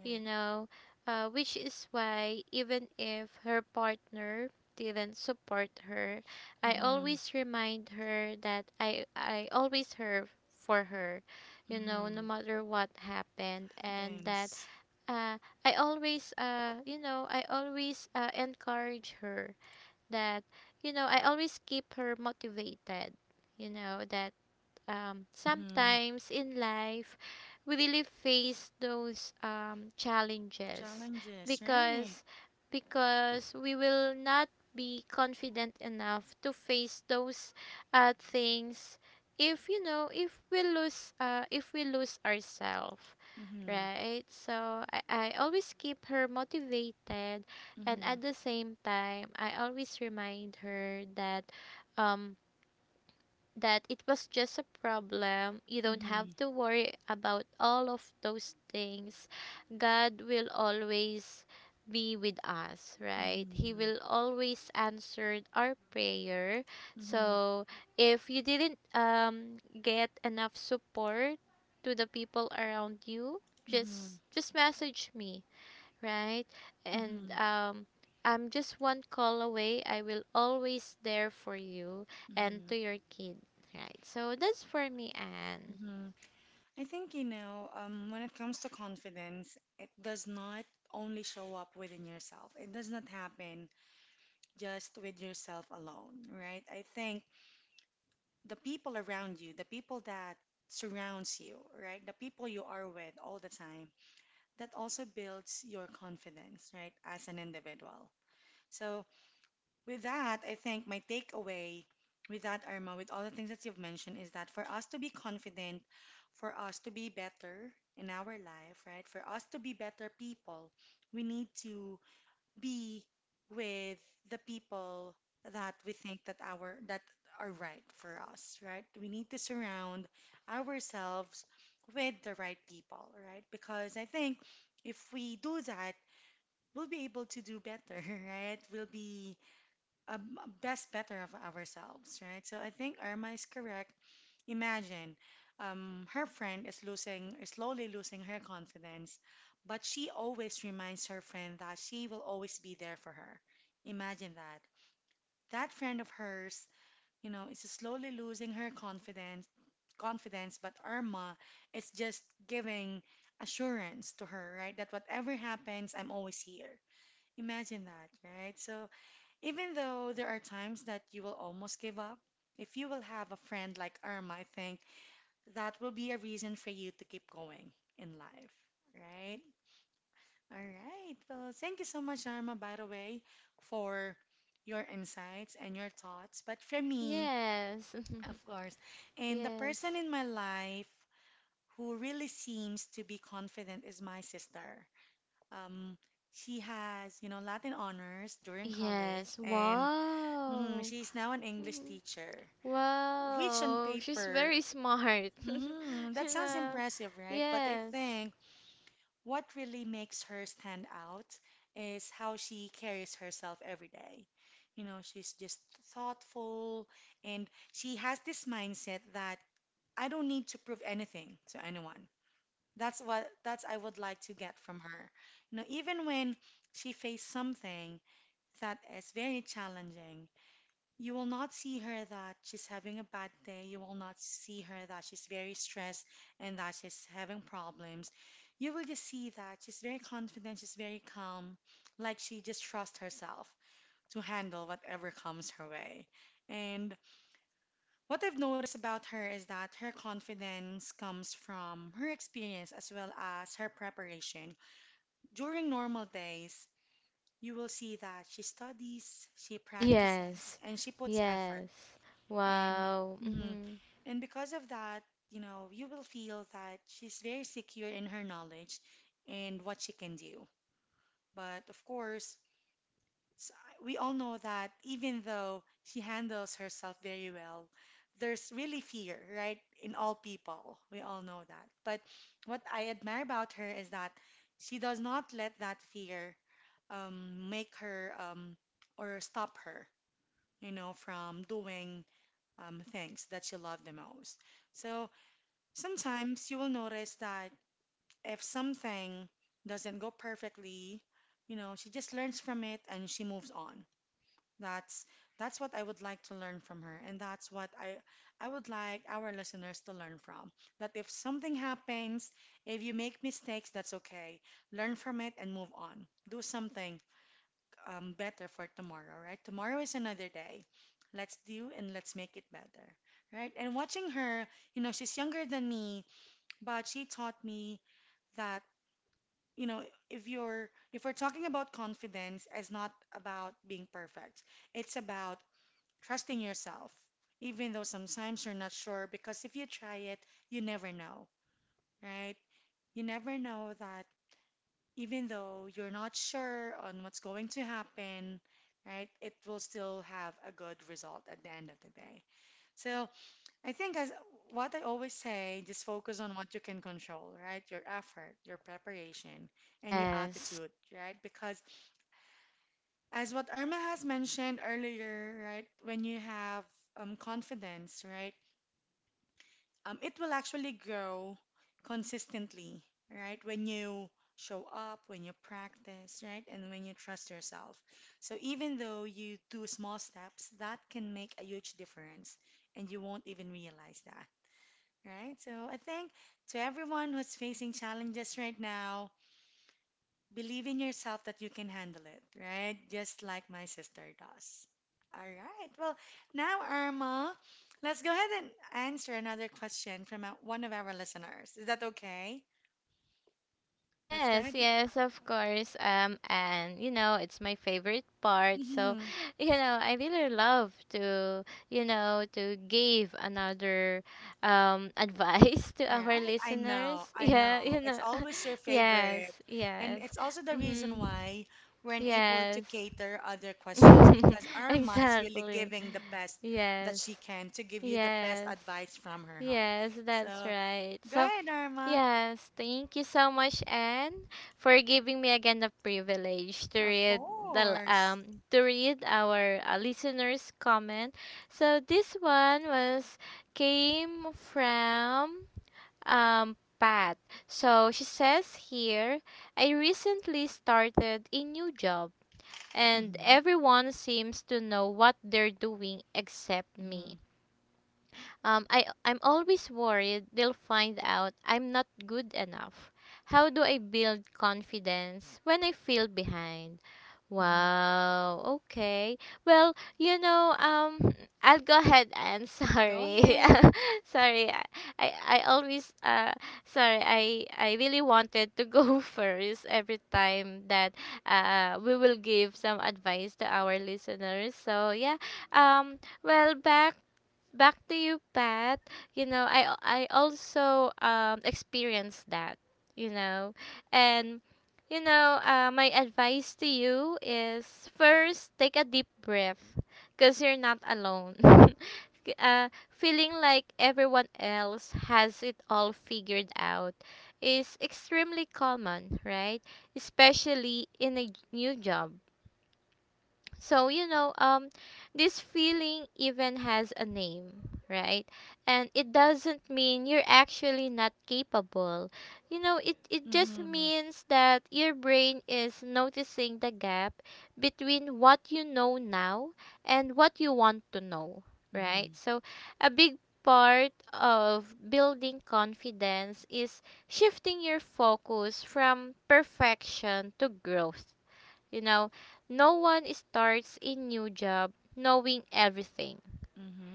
[SPEAKER 2] you know, which is why even if her partner didn't support her, I
[SPEAKER 1] Mm-hmm.
[SPEAKER 2] always remind her that I always her for her, you know, no
[SPEAKER 1] Mm-hmm.
[SPEAKER 2] matter what happened, and that
[SPEAKER 1] Things.
[SPEAKER 2] uh, I always, I always, encourage her that, you know, I always keep her motivated, you know, that,
[SPEAKER 1] Mm-hmm.
[SPEAKER 2] sometimes in life we really face those, challenges,
[SPEAKER 1] Challenges, right?
[SPEAKER 2] because we will not be confident enough to face those, things if, you know, if we lose ourselves,
[SPEAKER 1] Mm-hmm.
[SPEAKER 2] right? So I always keep her motivated, and
[SPEAKER 1] Mm-hmm.
[SPEAKER 2] at the same time I always remind her that, um, that it was just a problem. You don't
[SPEAKER 1] Mm-hmm.
[SPEAKER 2] have to worry about all of those things. God will always be with us, right? He
[SPEAKER 1] Mm-hmm.
[SPEAKER 2] will always answer our prayer.
[SPEAKER 1] Mm-hmm.
[SPEAKER 2] So, if you didn't get enough support to the people around you,
[SPEAKER 1] Mm-hmm.
[SPEAKER 2] just message me, right? And,
[SPEAKER 1] Mm-hmm.
[SPEAKER 2] I'm just one call away. I will always there for you and
[SPEAKER 1] Mm-hmm.
[SPEAKER 2] to your kid, right? So that's for me, Anne.
[SPEAKER 1] Mm-hmm. I think, when it comes to confidence, it does not only show up within yourself. It does not happen just with yourself alone, right? I think the people around you, the people that surrounds you, right? The people you are with all the time, that also builds your confidence, right? As an individual. So, with that, I think my takeaway with that, Irma, with all the things that you've mentioned, is that for us to be confident, for us to be better in our life, right? For us to be better people, we need to be with the people that we think that are right for us, right? We need to surround ourselves with the right people, right? Because I think if we do that, we'll be able to do better, right? We'll be um, best better of ourselves, right? So I think Irma is correct. Imagine, her friend is slowly losing her confidence, but she always reminds her friend that she will always be there for her. Imagine that. That friend of hers, is slowly losing her confidence, but Irma is just giving assurance to her, right? That whatever happens, I'm always here. Imagine that, right? So even though there are times that you will almost give up, if you will have a friend like Irma, I think that will be a reason for you to keep going in life, right? All right. Well, thank you so much, Arma, by the way, for your insights and your thoughts. But for me,
[SPEAKER 2] Yes,
[SPEAKER 1] of course, and the person
[SPEAKER 2] yes,
[SPEAKER 1] in my life who really seems to be confident is my sister. Um, she has, Latin honors during college,
[SPEAKER 2] yes.
[SPEAKER 1] and mhm,
[SPEAKER 2] Wow.
[SPEAKER 1] she's now an English
[SPEAKER 2] Mhm.
[SPEAKER 1] teacher, which on
[SPEAKER 2] Wow. She's
[SPEAKER 1] paper,
[SPEAKER 2] very smart.
[SPEAKER 1] mhm, that
[SPEAKER 2] You
[SPEAKER 1] sounds
[SPEAKER 2] know.
[SPEAKER 1] impressive, right? But I
[SPEAKER 2] Yes,
[SPEAKER 1] think what really makes her stand out is how she carries herself every day. You know, she's just thoughtful and she has this mindset that I don't need to prove anything to anyone. That's what that's I would like to get from her. You know, even when she faced something that is very challenging, you will not see her that she's having a bad day. You will not see her that she's very stressed and that she's having problems. You will just see that she's very confident, she's very calm, like she just trusts herself to handle whatever comes her way. And what I've noticed about her is that her confidence comes from her experience as well as her preparation. During normal days, you will see that she studies, she practices,
[SPEAKER 2] yes,
[SPEAKER 1] and she puts effort.
[SPEAKER 2] yes.
[SPEAKER 1] And
[SPEAKER 2] Wow.
[SPEAKER 1] mhm.
[SPEAKER 2] Hmm.
[SPEAKER 1] and because of that, you know, you will feel that she's very secure in her knowledge and what she can do. But of course, s- we all know that even though she handles herself very well, there's really fear, right? In all people. We all know that. But what I admire about her is that she does not let that fear make her or stop her, you know, from doing things that you love the most. So sometimes you will notice that if something doesn't go perfectly, you know, she just learns from it and she moves on. That's that's what I would like to learn from her, and that's what I would like our listeners to learn from. That if something happens, if you make mistakes, that's okay. Learn from it and move on. Do something better for tomorrow, right? Tomorrow is another day. Let's do and let's make it better, right? And watching her, you know, she's younger than me, but she taught me that, you know, if we're talking about confidence, it's not about being perfect. It's about trusting yourself, even though sometimes you're not sure, because if you try it, you never know, right? You never know that even though you're not sure on what's going to happen, right? It will still have a good result at the end of the day. So I think as what I always say, just focus on what you can control, right? Your effort, your preparation, and your
[SPEAKER 2] Yes.
[SPEAKER 1] attitude, right? Because as what Irma has mentioned earlier, right? When you have confidence, right? It will actually grow consistently, right? When you show up, when you practice, right? And when you trust yourself. So even though you do small steps, that can make a huge difference and you won't even realize that, right? So I think to everyone who's facing challenges right now, believe in yourself that you can handle it, right? Just like my sister does. All right. Well, now, Irma, let's go ahead and answer another question from one of our listeners. Is that okay? Let's go ahead.
[SPEAKER 2] Yes, yes, of course. And you know, it's my favorite part. So,
[SPEAKER 1] Mhm.
[SPEAKER 2] you know, I really love to, you know, to give another, advice to our
[SPEAKER 1] Right. I know.
[SPEAKER 2] listeners.
[SPEAKER 1] I
[SPEAKER 2] Yeah,
[SPEAKER 1] know.
[SPEAKER 2] you
[SPEAKER 1] It's
[SPEAKER 2] know.
[SPEAKER 1] always your
[SPEAKER 2] Yes,
[SPEAKER 1] favorite. And
[SPEAKER 2] yes.
[SPEAKER 1] it's also the reason
[SPEAKER 2] Mm-hmm.
[SPEAKER 1] why we're unable to
[SPEAKER 2] Yes.
[SPEAKER 1] cater other questions because Irma is really
[SPEAKER 2] Exactly.
[SPEAKER 1] giving the best that she
[SPEAKER 2] Yes.
[SPEAKER 1] can to give you the best
[SPEAKER 2] Yes.
[SPEAKER 1] advice from her heart.
[SPEAKER 2] Yes, that's
[SPEAKER 1] So
[SPEAKER 2] right.
[SPEAKER 1] go
[SPEAKER 2] So,
[SPEAKER 1] ahead, Irma.
[SPEAKER 2] yes, thank you so much, Anne, for giving me again the privilege to
[SPEAKER 1] Of
[SPEAKER 2] read
[SPEAKER 1] course.
[SPEAKER 2] to read our, listeners' comment. So this one was came from, um, Pat. So she says here, I recently started a new job, and
[SPEAKER 1] Mm-hmm.
[SPEAKER 2] everyone seems to know what they're doing except
[SPEAKER 1] Mm-hmm.
[SPEAKER 2] me. I'm always worried they'll find out I'm not good enough. How do I build confidence when I feel behind?
[SPEAKER 1] Mm-hmm.
[SPEAKER 2] Wow, okay. Well, you know, I'll go ahead and
[SPEAKER 1] Go
[SPEAKER 2] sorry.
[SPEAKER 1] ahead.
[SPEAKER 2] Sorry, I always, I really wanted to go first every time that, we will give some advice to our listeners. So, yeah, well, back to you, Pat. You know, I also, um, experienced that. You know, and you know, my advice to you is first take a deep breath, cause you're not alone. K- uh, Feeling like everyone else has it all figured out is extremely common, right? Especially in a new job. So, you know, um, this feeling even has a name, right? And it doesn't mean you're actually not capable. You know, it just
[SPEAKER 1] Mm-hmm.
[SPEAKER 2] means that your brain is noticing the gap between what you know now and what you want to know,
[SPEAKER 1] Mm-hmm.
[SPEAKER 2] right? So a big part of building confidence is shifting your focus from perfection to growth. You know, no one starts a new job knowing everything,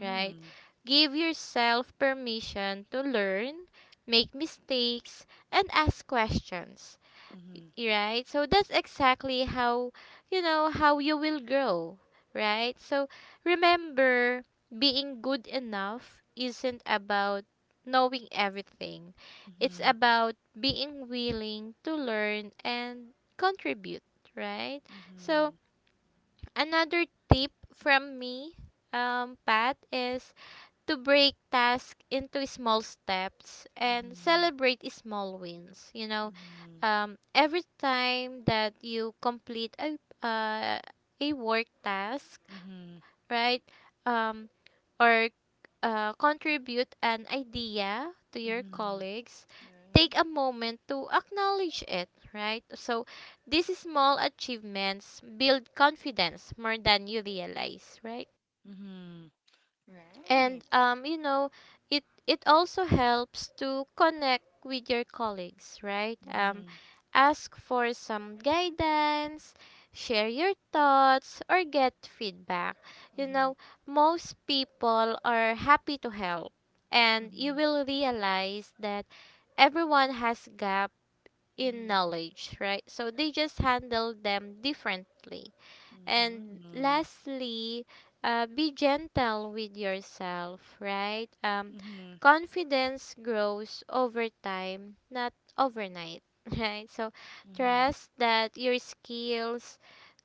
[SPEAKER 2] right? Give yourself permission to learn, make mistakes, and ask questions,
[SPEAKER 1] Mm-hmm. Mm-hmm.
[SPEAKER 2] right? So that's exactly how, you know, how you will grow, right? So remember, being good enough isn't about knowing everything. It's
[SPEAKER 1] Mm-hmm.
[SPEAKER 2] about being willing to learn and contribute, right?
[SPEAKER 1] Mm-hmm.
[SPEAKER 2] So another tip from me, Pat, is to break tasks into small steps and celebrate small wins. You know,
[SPEAKER 1] Mm-hmm.
[SPEAKER 2] every time that you complete uh, a work task,
[SPEAKER 1] Mm-hmm.
[SPEAKER 2] right? Um, or, contribute an idea to your
[SPEAKER 1] Mm-hmm.
[SPEAKER 2] colleagues,
[SPEAKER 1] Right.
[SPEAKER 2] take a moment to acknowledge it, right? So, these small achievements build confidence more than you realize, right?
[SPEAKER 1] Mm-hmm.
[SPEAKER 2] and
[SPEAKER 1] Right.
[SPEAKER 2] um, you know it also helps to connect with your colleagues, right?
[SPEAKER 1] Mm-hmm.
[SPEAKER 2] Ask for some guidance, share your thoughts, or get feedback. you
[SPEAKER 1] Mm-hmm.
[SPEAKER 2] know Most people are happy to help, and you
[SPEAKER 1] Mm-hmm.
[SPEAKER 2] will realize that everyone has gap in
[SPEAKER 1] Mm-hmm.
[SPEAKER 2] knowledge, right? So they just handle them differently. And
[SPEAKER 1] Mm-hmm.
[SPEAKER 2] lastly, be gentle with yourself, right?
[SPEAKER 1] Mm-hmm. Mm-hmm.
[SPEAKER 2] Confidence grows over time, not overnight, right? So trust that your skills,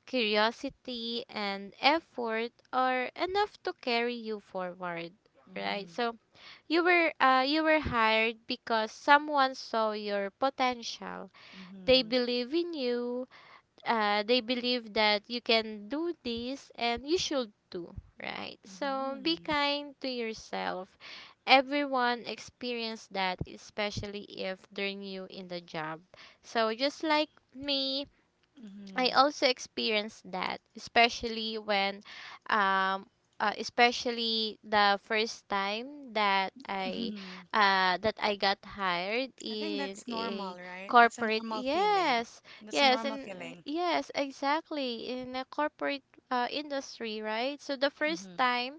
[SPEAKER 2] curiosity, and effort are enough to carry you forward, right?
[SPEAKER 1] Mm-hmm.
[SPEAKER 2] So you were hired because someone saw your potential. They
[SPEAKER 1] Mm-hmm.
[SPEAKER 2] believe in you. They believe that you can do this and you should too, right? So be kind to yourself. Everyone experience that, especially if they're new in the job. So just like me, I
[SPEAKER 1] Mm-hmm.
[SPEAKER 2] also experienced that, especially when, um, especially the first time
[SPEAKER 1] Mm-hmm.
[SPEAKER 2] that I got hired
[SPEAKER 1] I think
[SPEAKER 2] in
[SPEAKER 1] that's
[SPEAKER 2] a
[SPEAKER 1] normal, right? That's a
[SPEAKER 2] corporate.
[SPEAKER 1] normal feeling.
[SPEAKER 2] Yes,
[SPEAKER 1] That's a
[SPEAKER 2] yes,
[SPEAKER 1] normal
[SPEAKER 2] and
[SPEAKER 1] feeling.
[SPEAKER 2] yes, exactly, in a corporate industry, right? So the first
[SPEAKER 1] Mhm.
[SPEAKER 2] time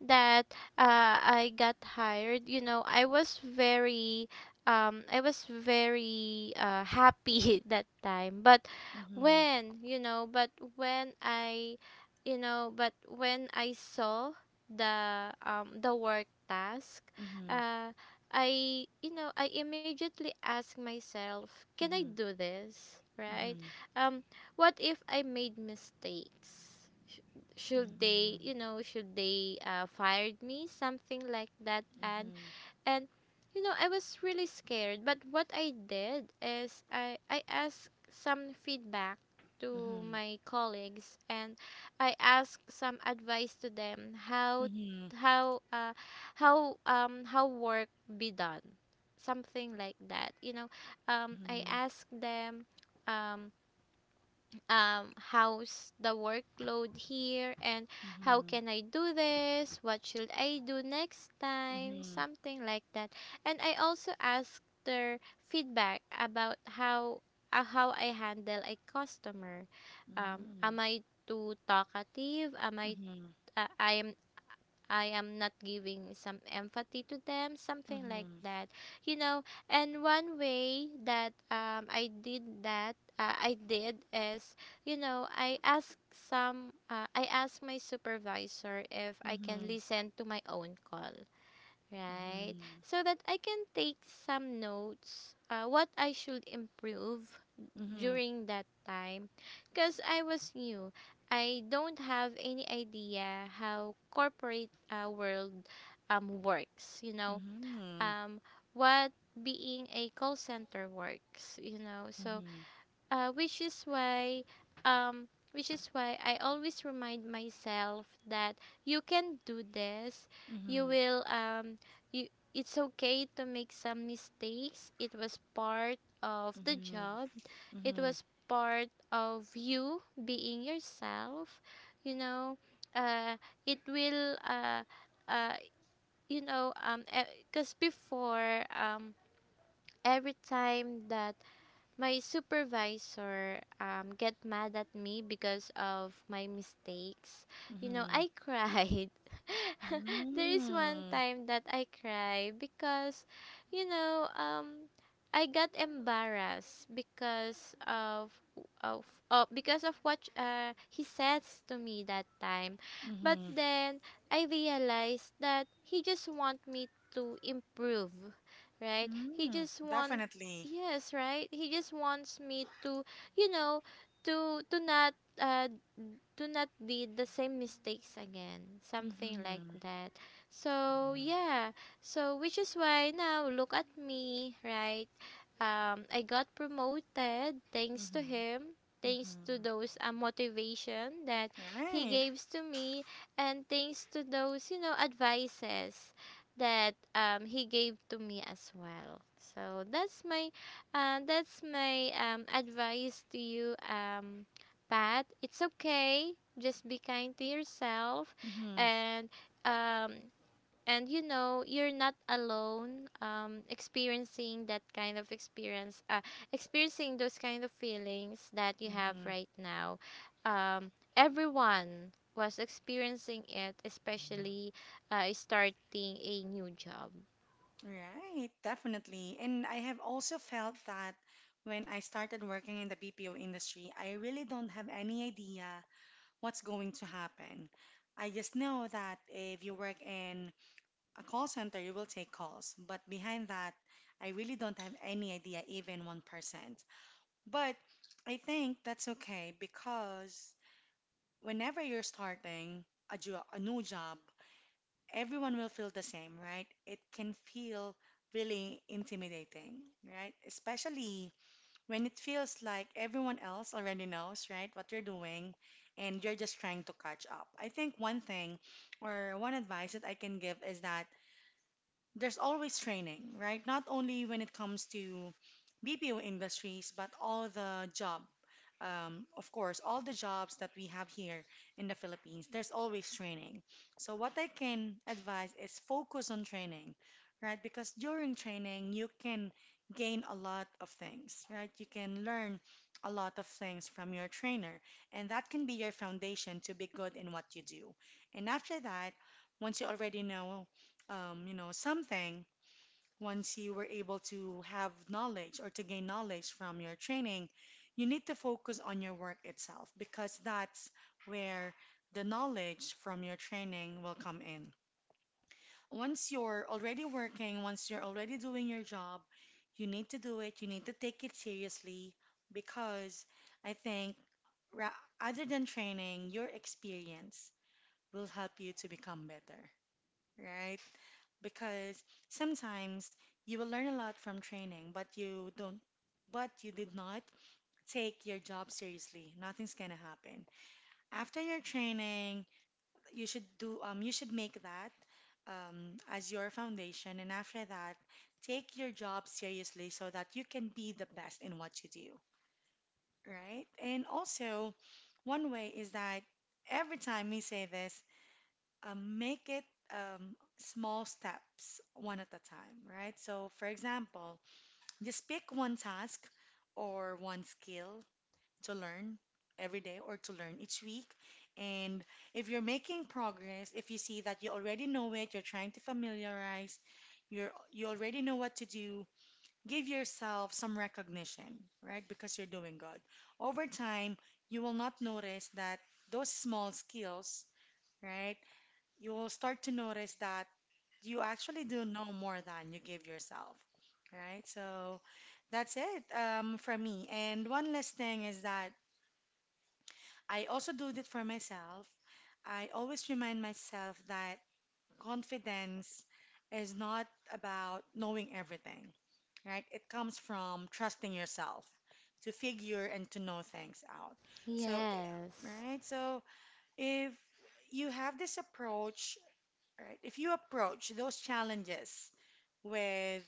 [SPEAKER 2] that I got hired, you know, I was very happy that time, but
[SPEAKER 1] Mhm.
[SPEAKER 2] when you know but when I you know but when I saw the work task.
[SPEAKER 1] Mhm.
[SPEAKER 2] uh I you know I immediately asked myself, can I
[SPEAKER 1] Mhm.
[SPEAKER 2] do this, right?
[SPEAKER 1] Mhm.
[SPEAKER 2] um what if I made mistakes? Sh- should they you
[SPEAKER 1] Mhm.
[SPEAKER 2] know should they uh, fired me, something like that. And you know, I was really scared, but what I did is I asked some feedback to
[SPEAKER 1] Mhm.
[SPEAKER 2] my colleagues, and I asked some advice to them, how
[SPEAKER 1] Mhm.
[SPEAKER 2] how uh how work be done. Something like that. You know, I
[SPEAKER 1] Mhm.
[SPEAKER 2] asked them, um um, how's the workload here, and how
[SPEAKER 1] Mhm.
[SPEAKER 2] can I do this, what should I do next time,
[SPEAKER 1] Mhm.
[SPEAKER 2] something like that. And I also asked their feedback about how I handle a customer. Am I too talkative? Am I
[SPEAKER 1] Mhm.
[SPEAKER 2] uh, i am I am not giving some empathy to them,
[SPEAKER 1] Mhm. Mhm.
[SPEAKER 2] something like
[SPEAKER 1] Mhm.
[SPEAKER 2] that. You know, and one way that I did that, I did is, you know, I asked some, I asked my supervisor if I can
[SPEAKER 1] Mhm.
[SPEAKER 2] listen to my own call, right?
[SPEAKER 1] Mhm.
[SPEAKER 2] So that I can take some notes, what I should improve
[SPEAKER 1] Mhm. Mhm.
[SPEAKER 2] during that time, because I was new. I don't have any idea how corporate world works, you know,
[SPEAKER 1] Mhm.
[SPEAKER 2] um, what being a call center works, you know. So, uh, which is why um, which is why I always remind myself that you can do this. You will you It's okay to make some mistakes. It was part of
[SPEAKER 1] Mhm.
[SPEAKER 2] the
[SPEAKER 1] Mhm. Mhm.
[SPEAKER 2] job. It was part of you being yourself, you know. uh it will uh uh you know um because before, every time that my supervisor get mad at me because of my mistakes, you know,
[SPEAKER 1] Mhm.
[SPEAKER 2] I cried. There is one
[SPEAKER 1] Mhm.
[SPEAKER 2] time that I cried because, you know, I got embarrassed because of because of what he says to me that time. But
[SPEAKER 1] Mhm.
[SPEAKER 2] then I realized that he just want me to improve, right? he
[SPEAKER 1] Mhm.
[SPEAKER 2] just want
[SPEAKER 1] Definitely.
[SPEAKER 2] Yes, right? He just wants me to, you know, to not uh to not did the same mistakes again, something like
[SPEAKER 1] Mhm.
[SPEAKER 2] that. So, yeah. So, which is why now look at me, right? I got promoted thanks to
[SPEAKER 1] Mhm.
[SPEAKER 2] him, thanks to
[SPEAKER 1] Mm-hmm.
[SPEAKER 2] those motivation that he
[SPEAKER 1] Right.
[SPEAKER 2] gives to me, and thanks to those, you know, advices that he gave to me as well. So, that's my advice to you, Pat. It's okay. Just be kind to yourself,
[SPEAKER 1] Mm-hmm.
[SPEAKER 2] and um, and you know you're not alone. Experiencing that kind of experience, experiencing those kind of feelings that you have
[SPEAKER 1] Mm-hmm.
[SPEAKER 2] right now. Everyone was experiencing it, especially starting a new job.
[SPEAKER 1] Right. Definitely. And I have also felt that when I started working in the BPO industry, I really don't have any idea what's going to happen. I just know that if you work in a call center, you will take calls. But behind that, I really don't have any idea, even 1%. But I think that's okay because whenever you're starting a new job, everyone will feel the same, right? It can feel really intimidating, right? Especially when it feels like everyone else already knows, right, what you're doing and you're just trying to catch up. I think one thing or one advice that I can give is that there's always training, right? Not only when it comes to BPO industries, but all the job of course, all the jobs that we have here in the Philippines, there's always training. So, what I can advise is focus on training, right? Because during training, you can gain a lot of things, right? You can learn a lot of things from your trainer, and that can be your foundation to be good in what you do. And after that, once you already know, you know, something, once you were able to have knowledge or to gain knowledge from your training, you need to focus on your work itself because that's where the knowledge from your training will come in. Once you're already working, once you're already doing your job, you need to do it, you need to take it seriously because I think ra- other than training, your experience will help you to become better, right? Because sometimes you will learn a lot from training, but you don't, but you did not take your job seriously. Nothing's gonna happen. After your training, you should do, you should make that as your foundation, and after that, take your job seriously so that you can be the best in what you do, right? And also, one way is that every time we say this, make it small steps, one at a time, right? So, for example, just pick one task or one skill to learn every day or to learn each week. And if you're making progress, if you see that you already know it, you're trying to familiarize, you already know what to do, give yourself some recognition, right? Because you're doing good. Over time, you will not notice that those small skills, right? You'll start to notice that you actually do know more than you give yourself, right? So that's it from me. And one last thing is that I also do it for myself. I always remind myself that confidence is not about knowing everything, right? It comes from trusting yourself to figure and to know things out. So,
[SPEAKER 2] Yes.
[SPEAKER 1] right? So, if you have this approach, right? If you approach those challenges with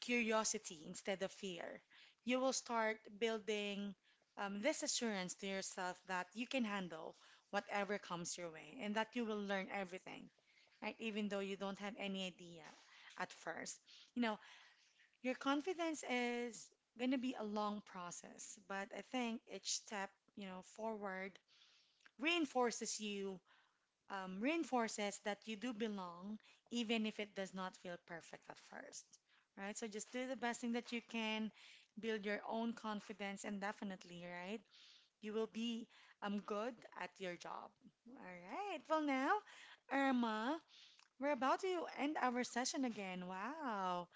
[SPEAKER 1] curiosity instead of fear, you will start building this assurance to yourself that you can handle whatever comes your way and that you will learn everything, right? Even though you don't have any idea at first. You know, your confidence is going to be a long process, but I think each step, you know, forward reinforces you reinforces that you do belong, even if it does not feel perfect at first, right? So just do the best thing that you can, build your own confidence, and definitely, right, you will be good at your job. All right. Well, now, Irma, we're about to end our session again. Wow.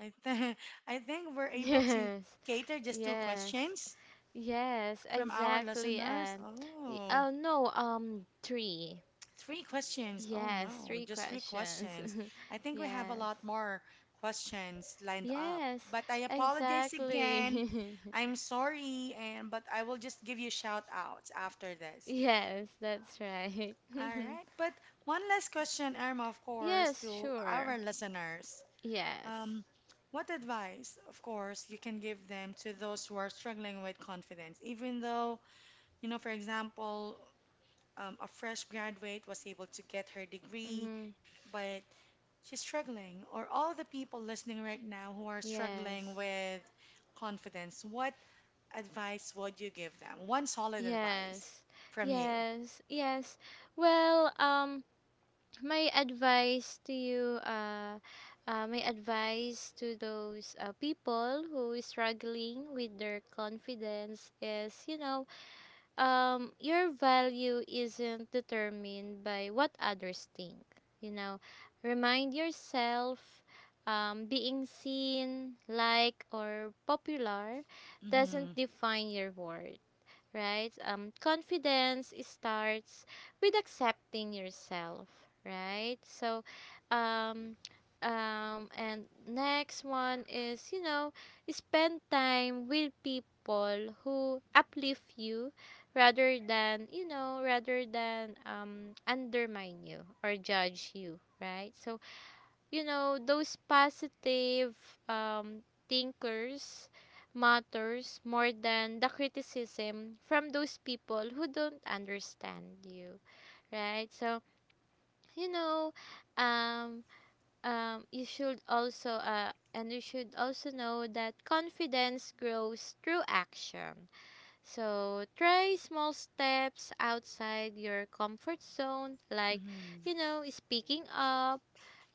[SPEAKER 1] I, th- I think we're able to
[SPEAKER 2] Yes,
[SPEAKER 1] cater just two
[SPEAKER 2] yes,
[SPEAKER 1] questions
[SPEAKER 2] yes,
[SPEAKER 1] from our
[SPEAKER 2] exactly.
[SPEAKER 1] listeners.
[SPEAKER 2] And y-
[SPEAKER 1] Oh.
[SPEAKER 2] oh no, three.
[SPEAKER 1] Three questions. Oh
[SPEAKER 2] Yes,
[SPEAKER 1] no,
[SPEAKER 2] three
[SPEAKER 1] just three
[SPEAKER 2] questions.
[SPEAKER 1] questions. I think we have a
[SPEAKER 2] Yes,
[SPEAKER 1] lot more questions lined up.
[SPEAKER 2] yes,
[SPEAKER 1] But I apologize again.
[SPEAKER 2] exactly.
[SPEAKER 1] I'm sorry, and but I will just give you shout outs after this.
[SPEAKER 2] Yes, that's right.
[SPEAKER 1] All right. But one last question, Irma, of course,
[SPEAKER 2] Yes,
[SPEAKER 1] to our
[SPEAKER 2] sure.
[SPEAKER 1] listeners.
[SPEAKER 2] Yes.
[SPEAKER 1] Um, what advice, of course, you can give them to those who are struggling with confidence, even though, you know, for example, a fresh graduate was able to get her degree,
[SPEAKER 2] Mm-hmm.
[SPEAKER 1] but she's struggling, or all the people listening right now who are struggling
[SPEAKER 2] Yes.
[SPEAKER 1] with confidence, what advice would you give them? One solid advice
[SPEAKER 2] Yes.
[SPEAKER 1] from you.
[SPEAKER 2] Yes. Yes. Well, my advice to you my advice to those people who is struggling with their confidence is, you know, your value isn't determined by what others think, you know. Remind yourself, being seen, liked, or popular
[SPEAKER 1] Mm-hmm.
[SPEAKER 2] doesn't define your worth, right? Confidence starts with accepting yourself, right? So, um, and next one is, you know, spend time with people who uplift you, rather than undermine you or judge you, right? So, you know, those positive um, thinkers matters more than the criticism from those people who don't understand you, right? So, you know, um, you should also know that confidence grows through action. So try small steps outside your comfort zone, like,
[SPEAKER 1] Mm-hmm.
[SPEAKER 2] you know, speaking up,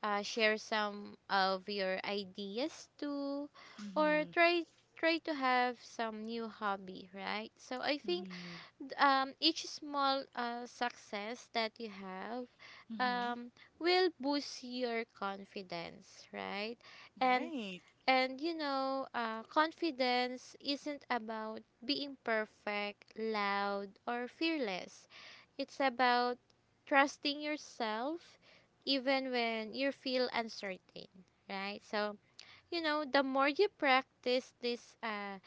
[SPEAKER 2] share some of your ideas too, or
[SPEAKER 1] Mm-hmm.
[SPEAKER 2] try to have some new hobby, right? So I think
[SPEAKER 1] Mm-hmm.
[SPEAKER 2] each small success that you have,
[SPEAKER 1] Mm-hmm.
[SPEAKER 2] um, will boost your confidence, right? And
[SPEAKER 1] Right.
[SPEAKER 2] and you know, confidence isn't about being perfect, loud, or fearless. It's about trusting yourself even when you feel uncertain, right? So, you know, the more you practice this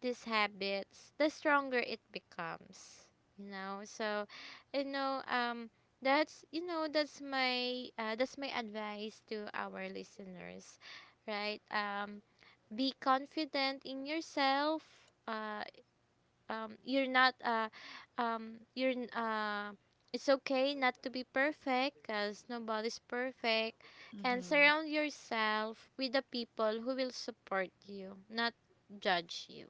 [SPEAKER 2] these habits, the stronger it becomes, you know. So, you know, that's my advice to our listeners, right? Be confident in yourself, uh, you're not you're n- it's okay not to be perfect because nobody's perfect, and
[SPEAKER 1] Mm-hmm.
[SPEAKER 2] surround yourself with the people who will support you, not judge you.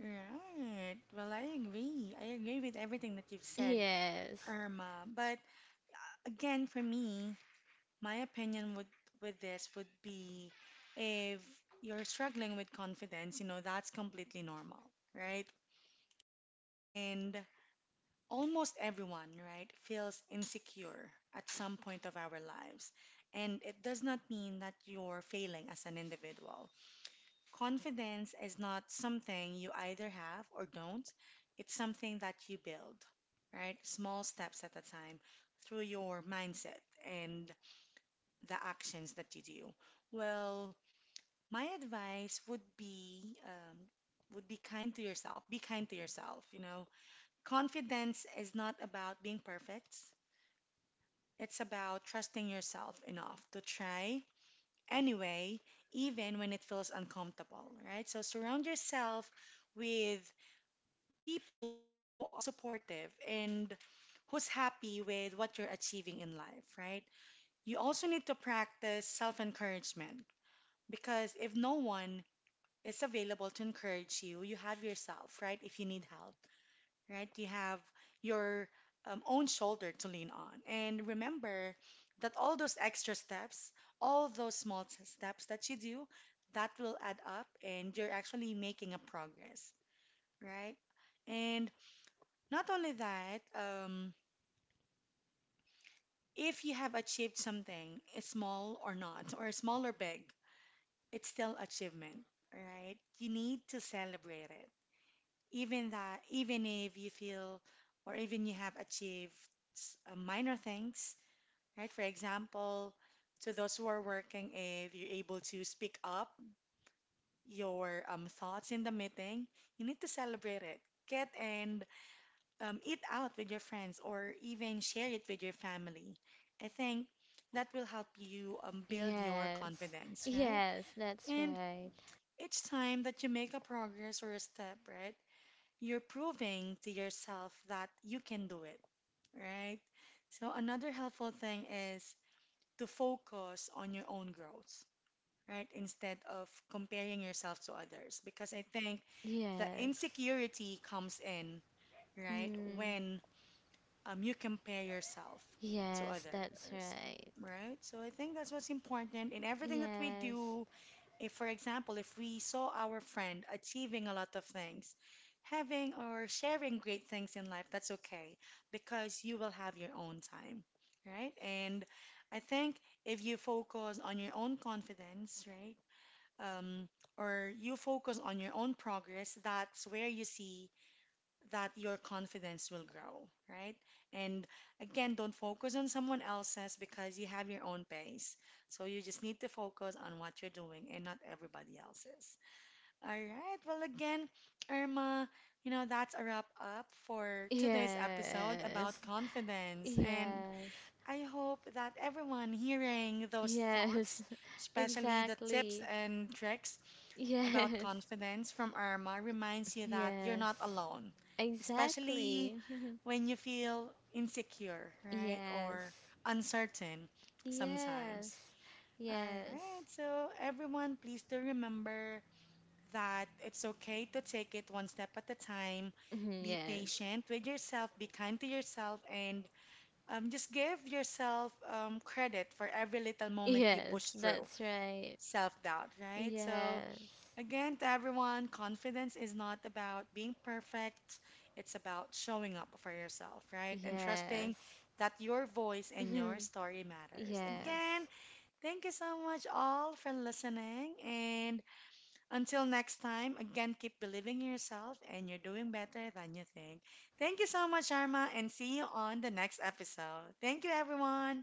[SPEAKER 1] Right. Well, I agree. I agree with everything that you've said,
[SPEAKER 2] Yes,
[SPEAKER 1] Irma. But again, for me, my opinion would with this would be if you're struggling with confidence, you know, that's completely normal, right? And almost everyone, right, feels insecure at some point of our lives. And it does not mean that you're failing as an individual. Confidence is not something you either have or don't. It's something that you build, right? Small steps at a time through your mindset and the actions that you do? Well, my advice would be kind to yourself. Be kind to yourself. You know, confidence is not about being perfect. It's about trusting yourself enough to try anyway, even when it feels uncomfortable, right? So surround yourself with people who are supportive and who's happy with what you're achieving in life, right? You also need to practice self encouragement. Because if no one is available to encourage you, you have yourself, right? If you need help, right? You have your own shoulder to lean on. And remember that all those extra steps, all those steps that you do, that will add up and you're actually making a progress, right? And not only that, if you have achieved something, small or not, or small or big, it's still achievement, right? You need to celebrate it. Even that, even if you feel or even you have achieved minor things, right? For example, to those who are working, if you're able to speak up your thoughts in the meeting, you need to celebrate it. Get and eat out with your friends or even share it with your family. I think that will help you build your
[SPEAKER 2] yes,
[SPEAKER 1] confidence, right?
[SPEAKER 2] yes, that's
[SPEAKER 1] And
[SPEAKER 2] right.
[SPEAKER 1] each time that you make a progress or a step, right? You're proving to yourself that you can do it, right? So another helpful thing is to focus on your own growth, right? Instead of comparing yourself to others, because I think the
[SPEAKER 2] Yes.
[SPEAKER 1] insecurity comes in, right?
[SPEAKER 2] Mm.
[SPEAKER 1] When you compare yourself to
[SPEAKER 2] Yes, that's
[SPEAKER 1] others,
[SPEAKER 2] right.
[SPEAKER 1] right? So I think that's what's important in everything that we
[SPEAKER 2] Yes,
[SPEAKER 1] do if, for example, if we saw our friend achieving a lot of things, having or sharing great things in life, that's okay because you will have your own time, right? And I think if you focus on your own confidence, right? Um, or you focus on your own progress, that's where you see that your confidence will grow, right? And again, don't focus on someone else's because you have your own pace. So you just need to focus on what you're doing and not everybody else's. All right. Well, again, Irma, you know, that's a wrap up for today's episode
[SPEAKER 2] yes,
[SPEAKER 1] about confidence. And
[SPEAKER 2] yes.
[SPEAKER 1] I hope that everyone hearing those
[SPEAKER 2] Yes,
[SPEAKER 1] thoughts, especially the tips
[SPEAKER 2] exactly.
[SPEAKER 1] and tricks, about
[SPEAKER 2] Yes,
[SPEAKER 1] confidence from Irma reminds you that you're
[SPEAKER 2] yes,
[SPEAKER 1] not alone,
[SPEAKER 2] exactly.
[SPEAKER 1] especially when you feel insecure, right? Or
[SPEAKER 2] Yes,
[SPEAKER 1] uncertain
[SPEAKER 2] yes,
[SPEAKER 1] sometimes. All
[SPEAKER 2] yes,
[SPEAKER 1] right, so everyone, please do remember that it's okay to take it one step at a time. Be
[SPEAKER 2] yes,
[SPEAKER 1] patient with yourself, be kind to yourself, and just give yourself credit for every little moment you push
[SPEAKER 2] yes,
[SPEAKER 1] through
[SPEAKER 2] that's right.
[SPEAKER 1] self doubt, right? So,
[SPEAKER 2] Yes,
[SPEAKER 1] again, to everyone, confidence is not about being perfect. It's about showing up for yourself, right? And trusting
[SPEAKER 2] yes,
[SPEAKER 1] that your voice and your story matters.
[SPEAKER 2] yes,
[SPEAKER 1] Again, thank you so much all for listening. And until next time, again, keep believing in yourself and you're doing better than you think. Thank you so much, Arma, and see you on the next episode. Thank you, everyone.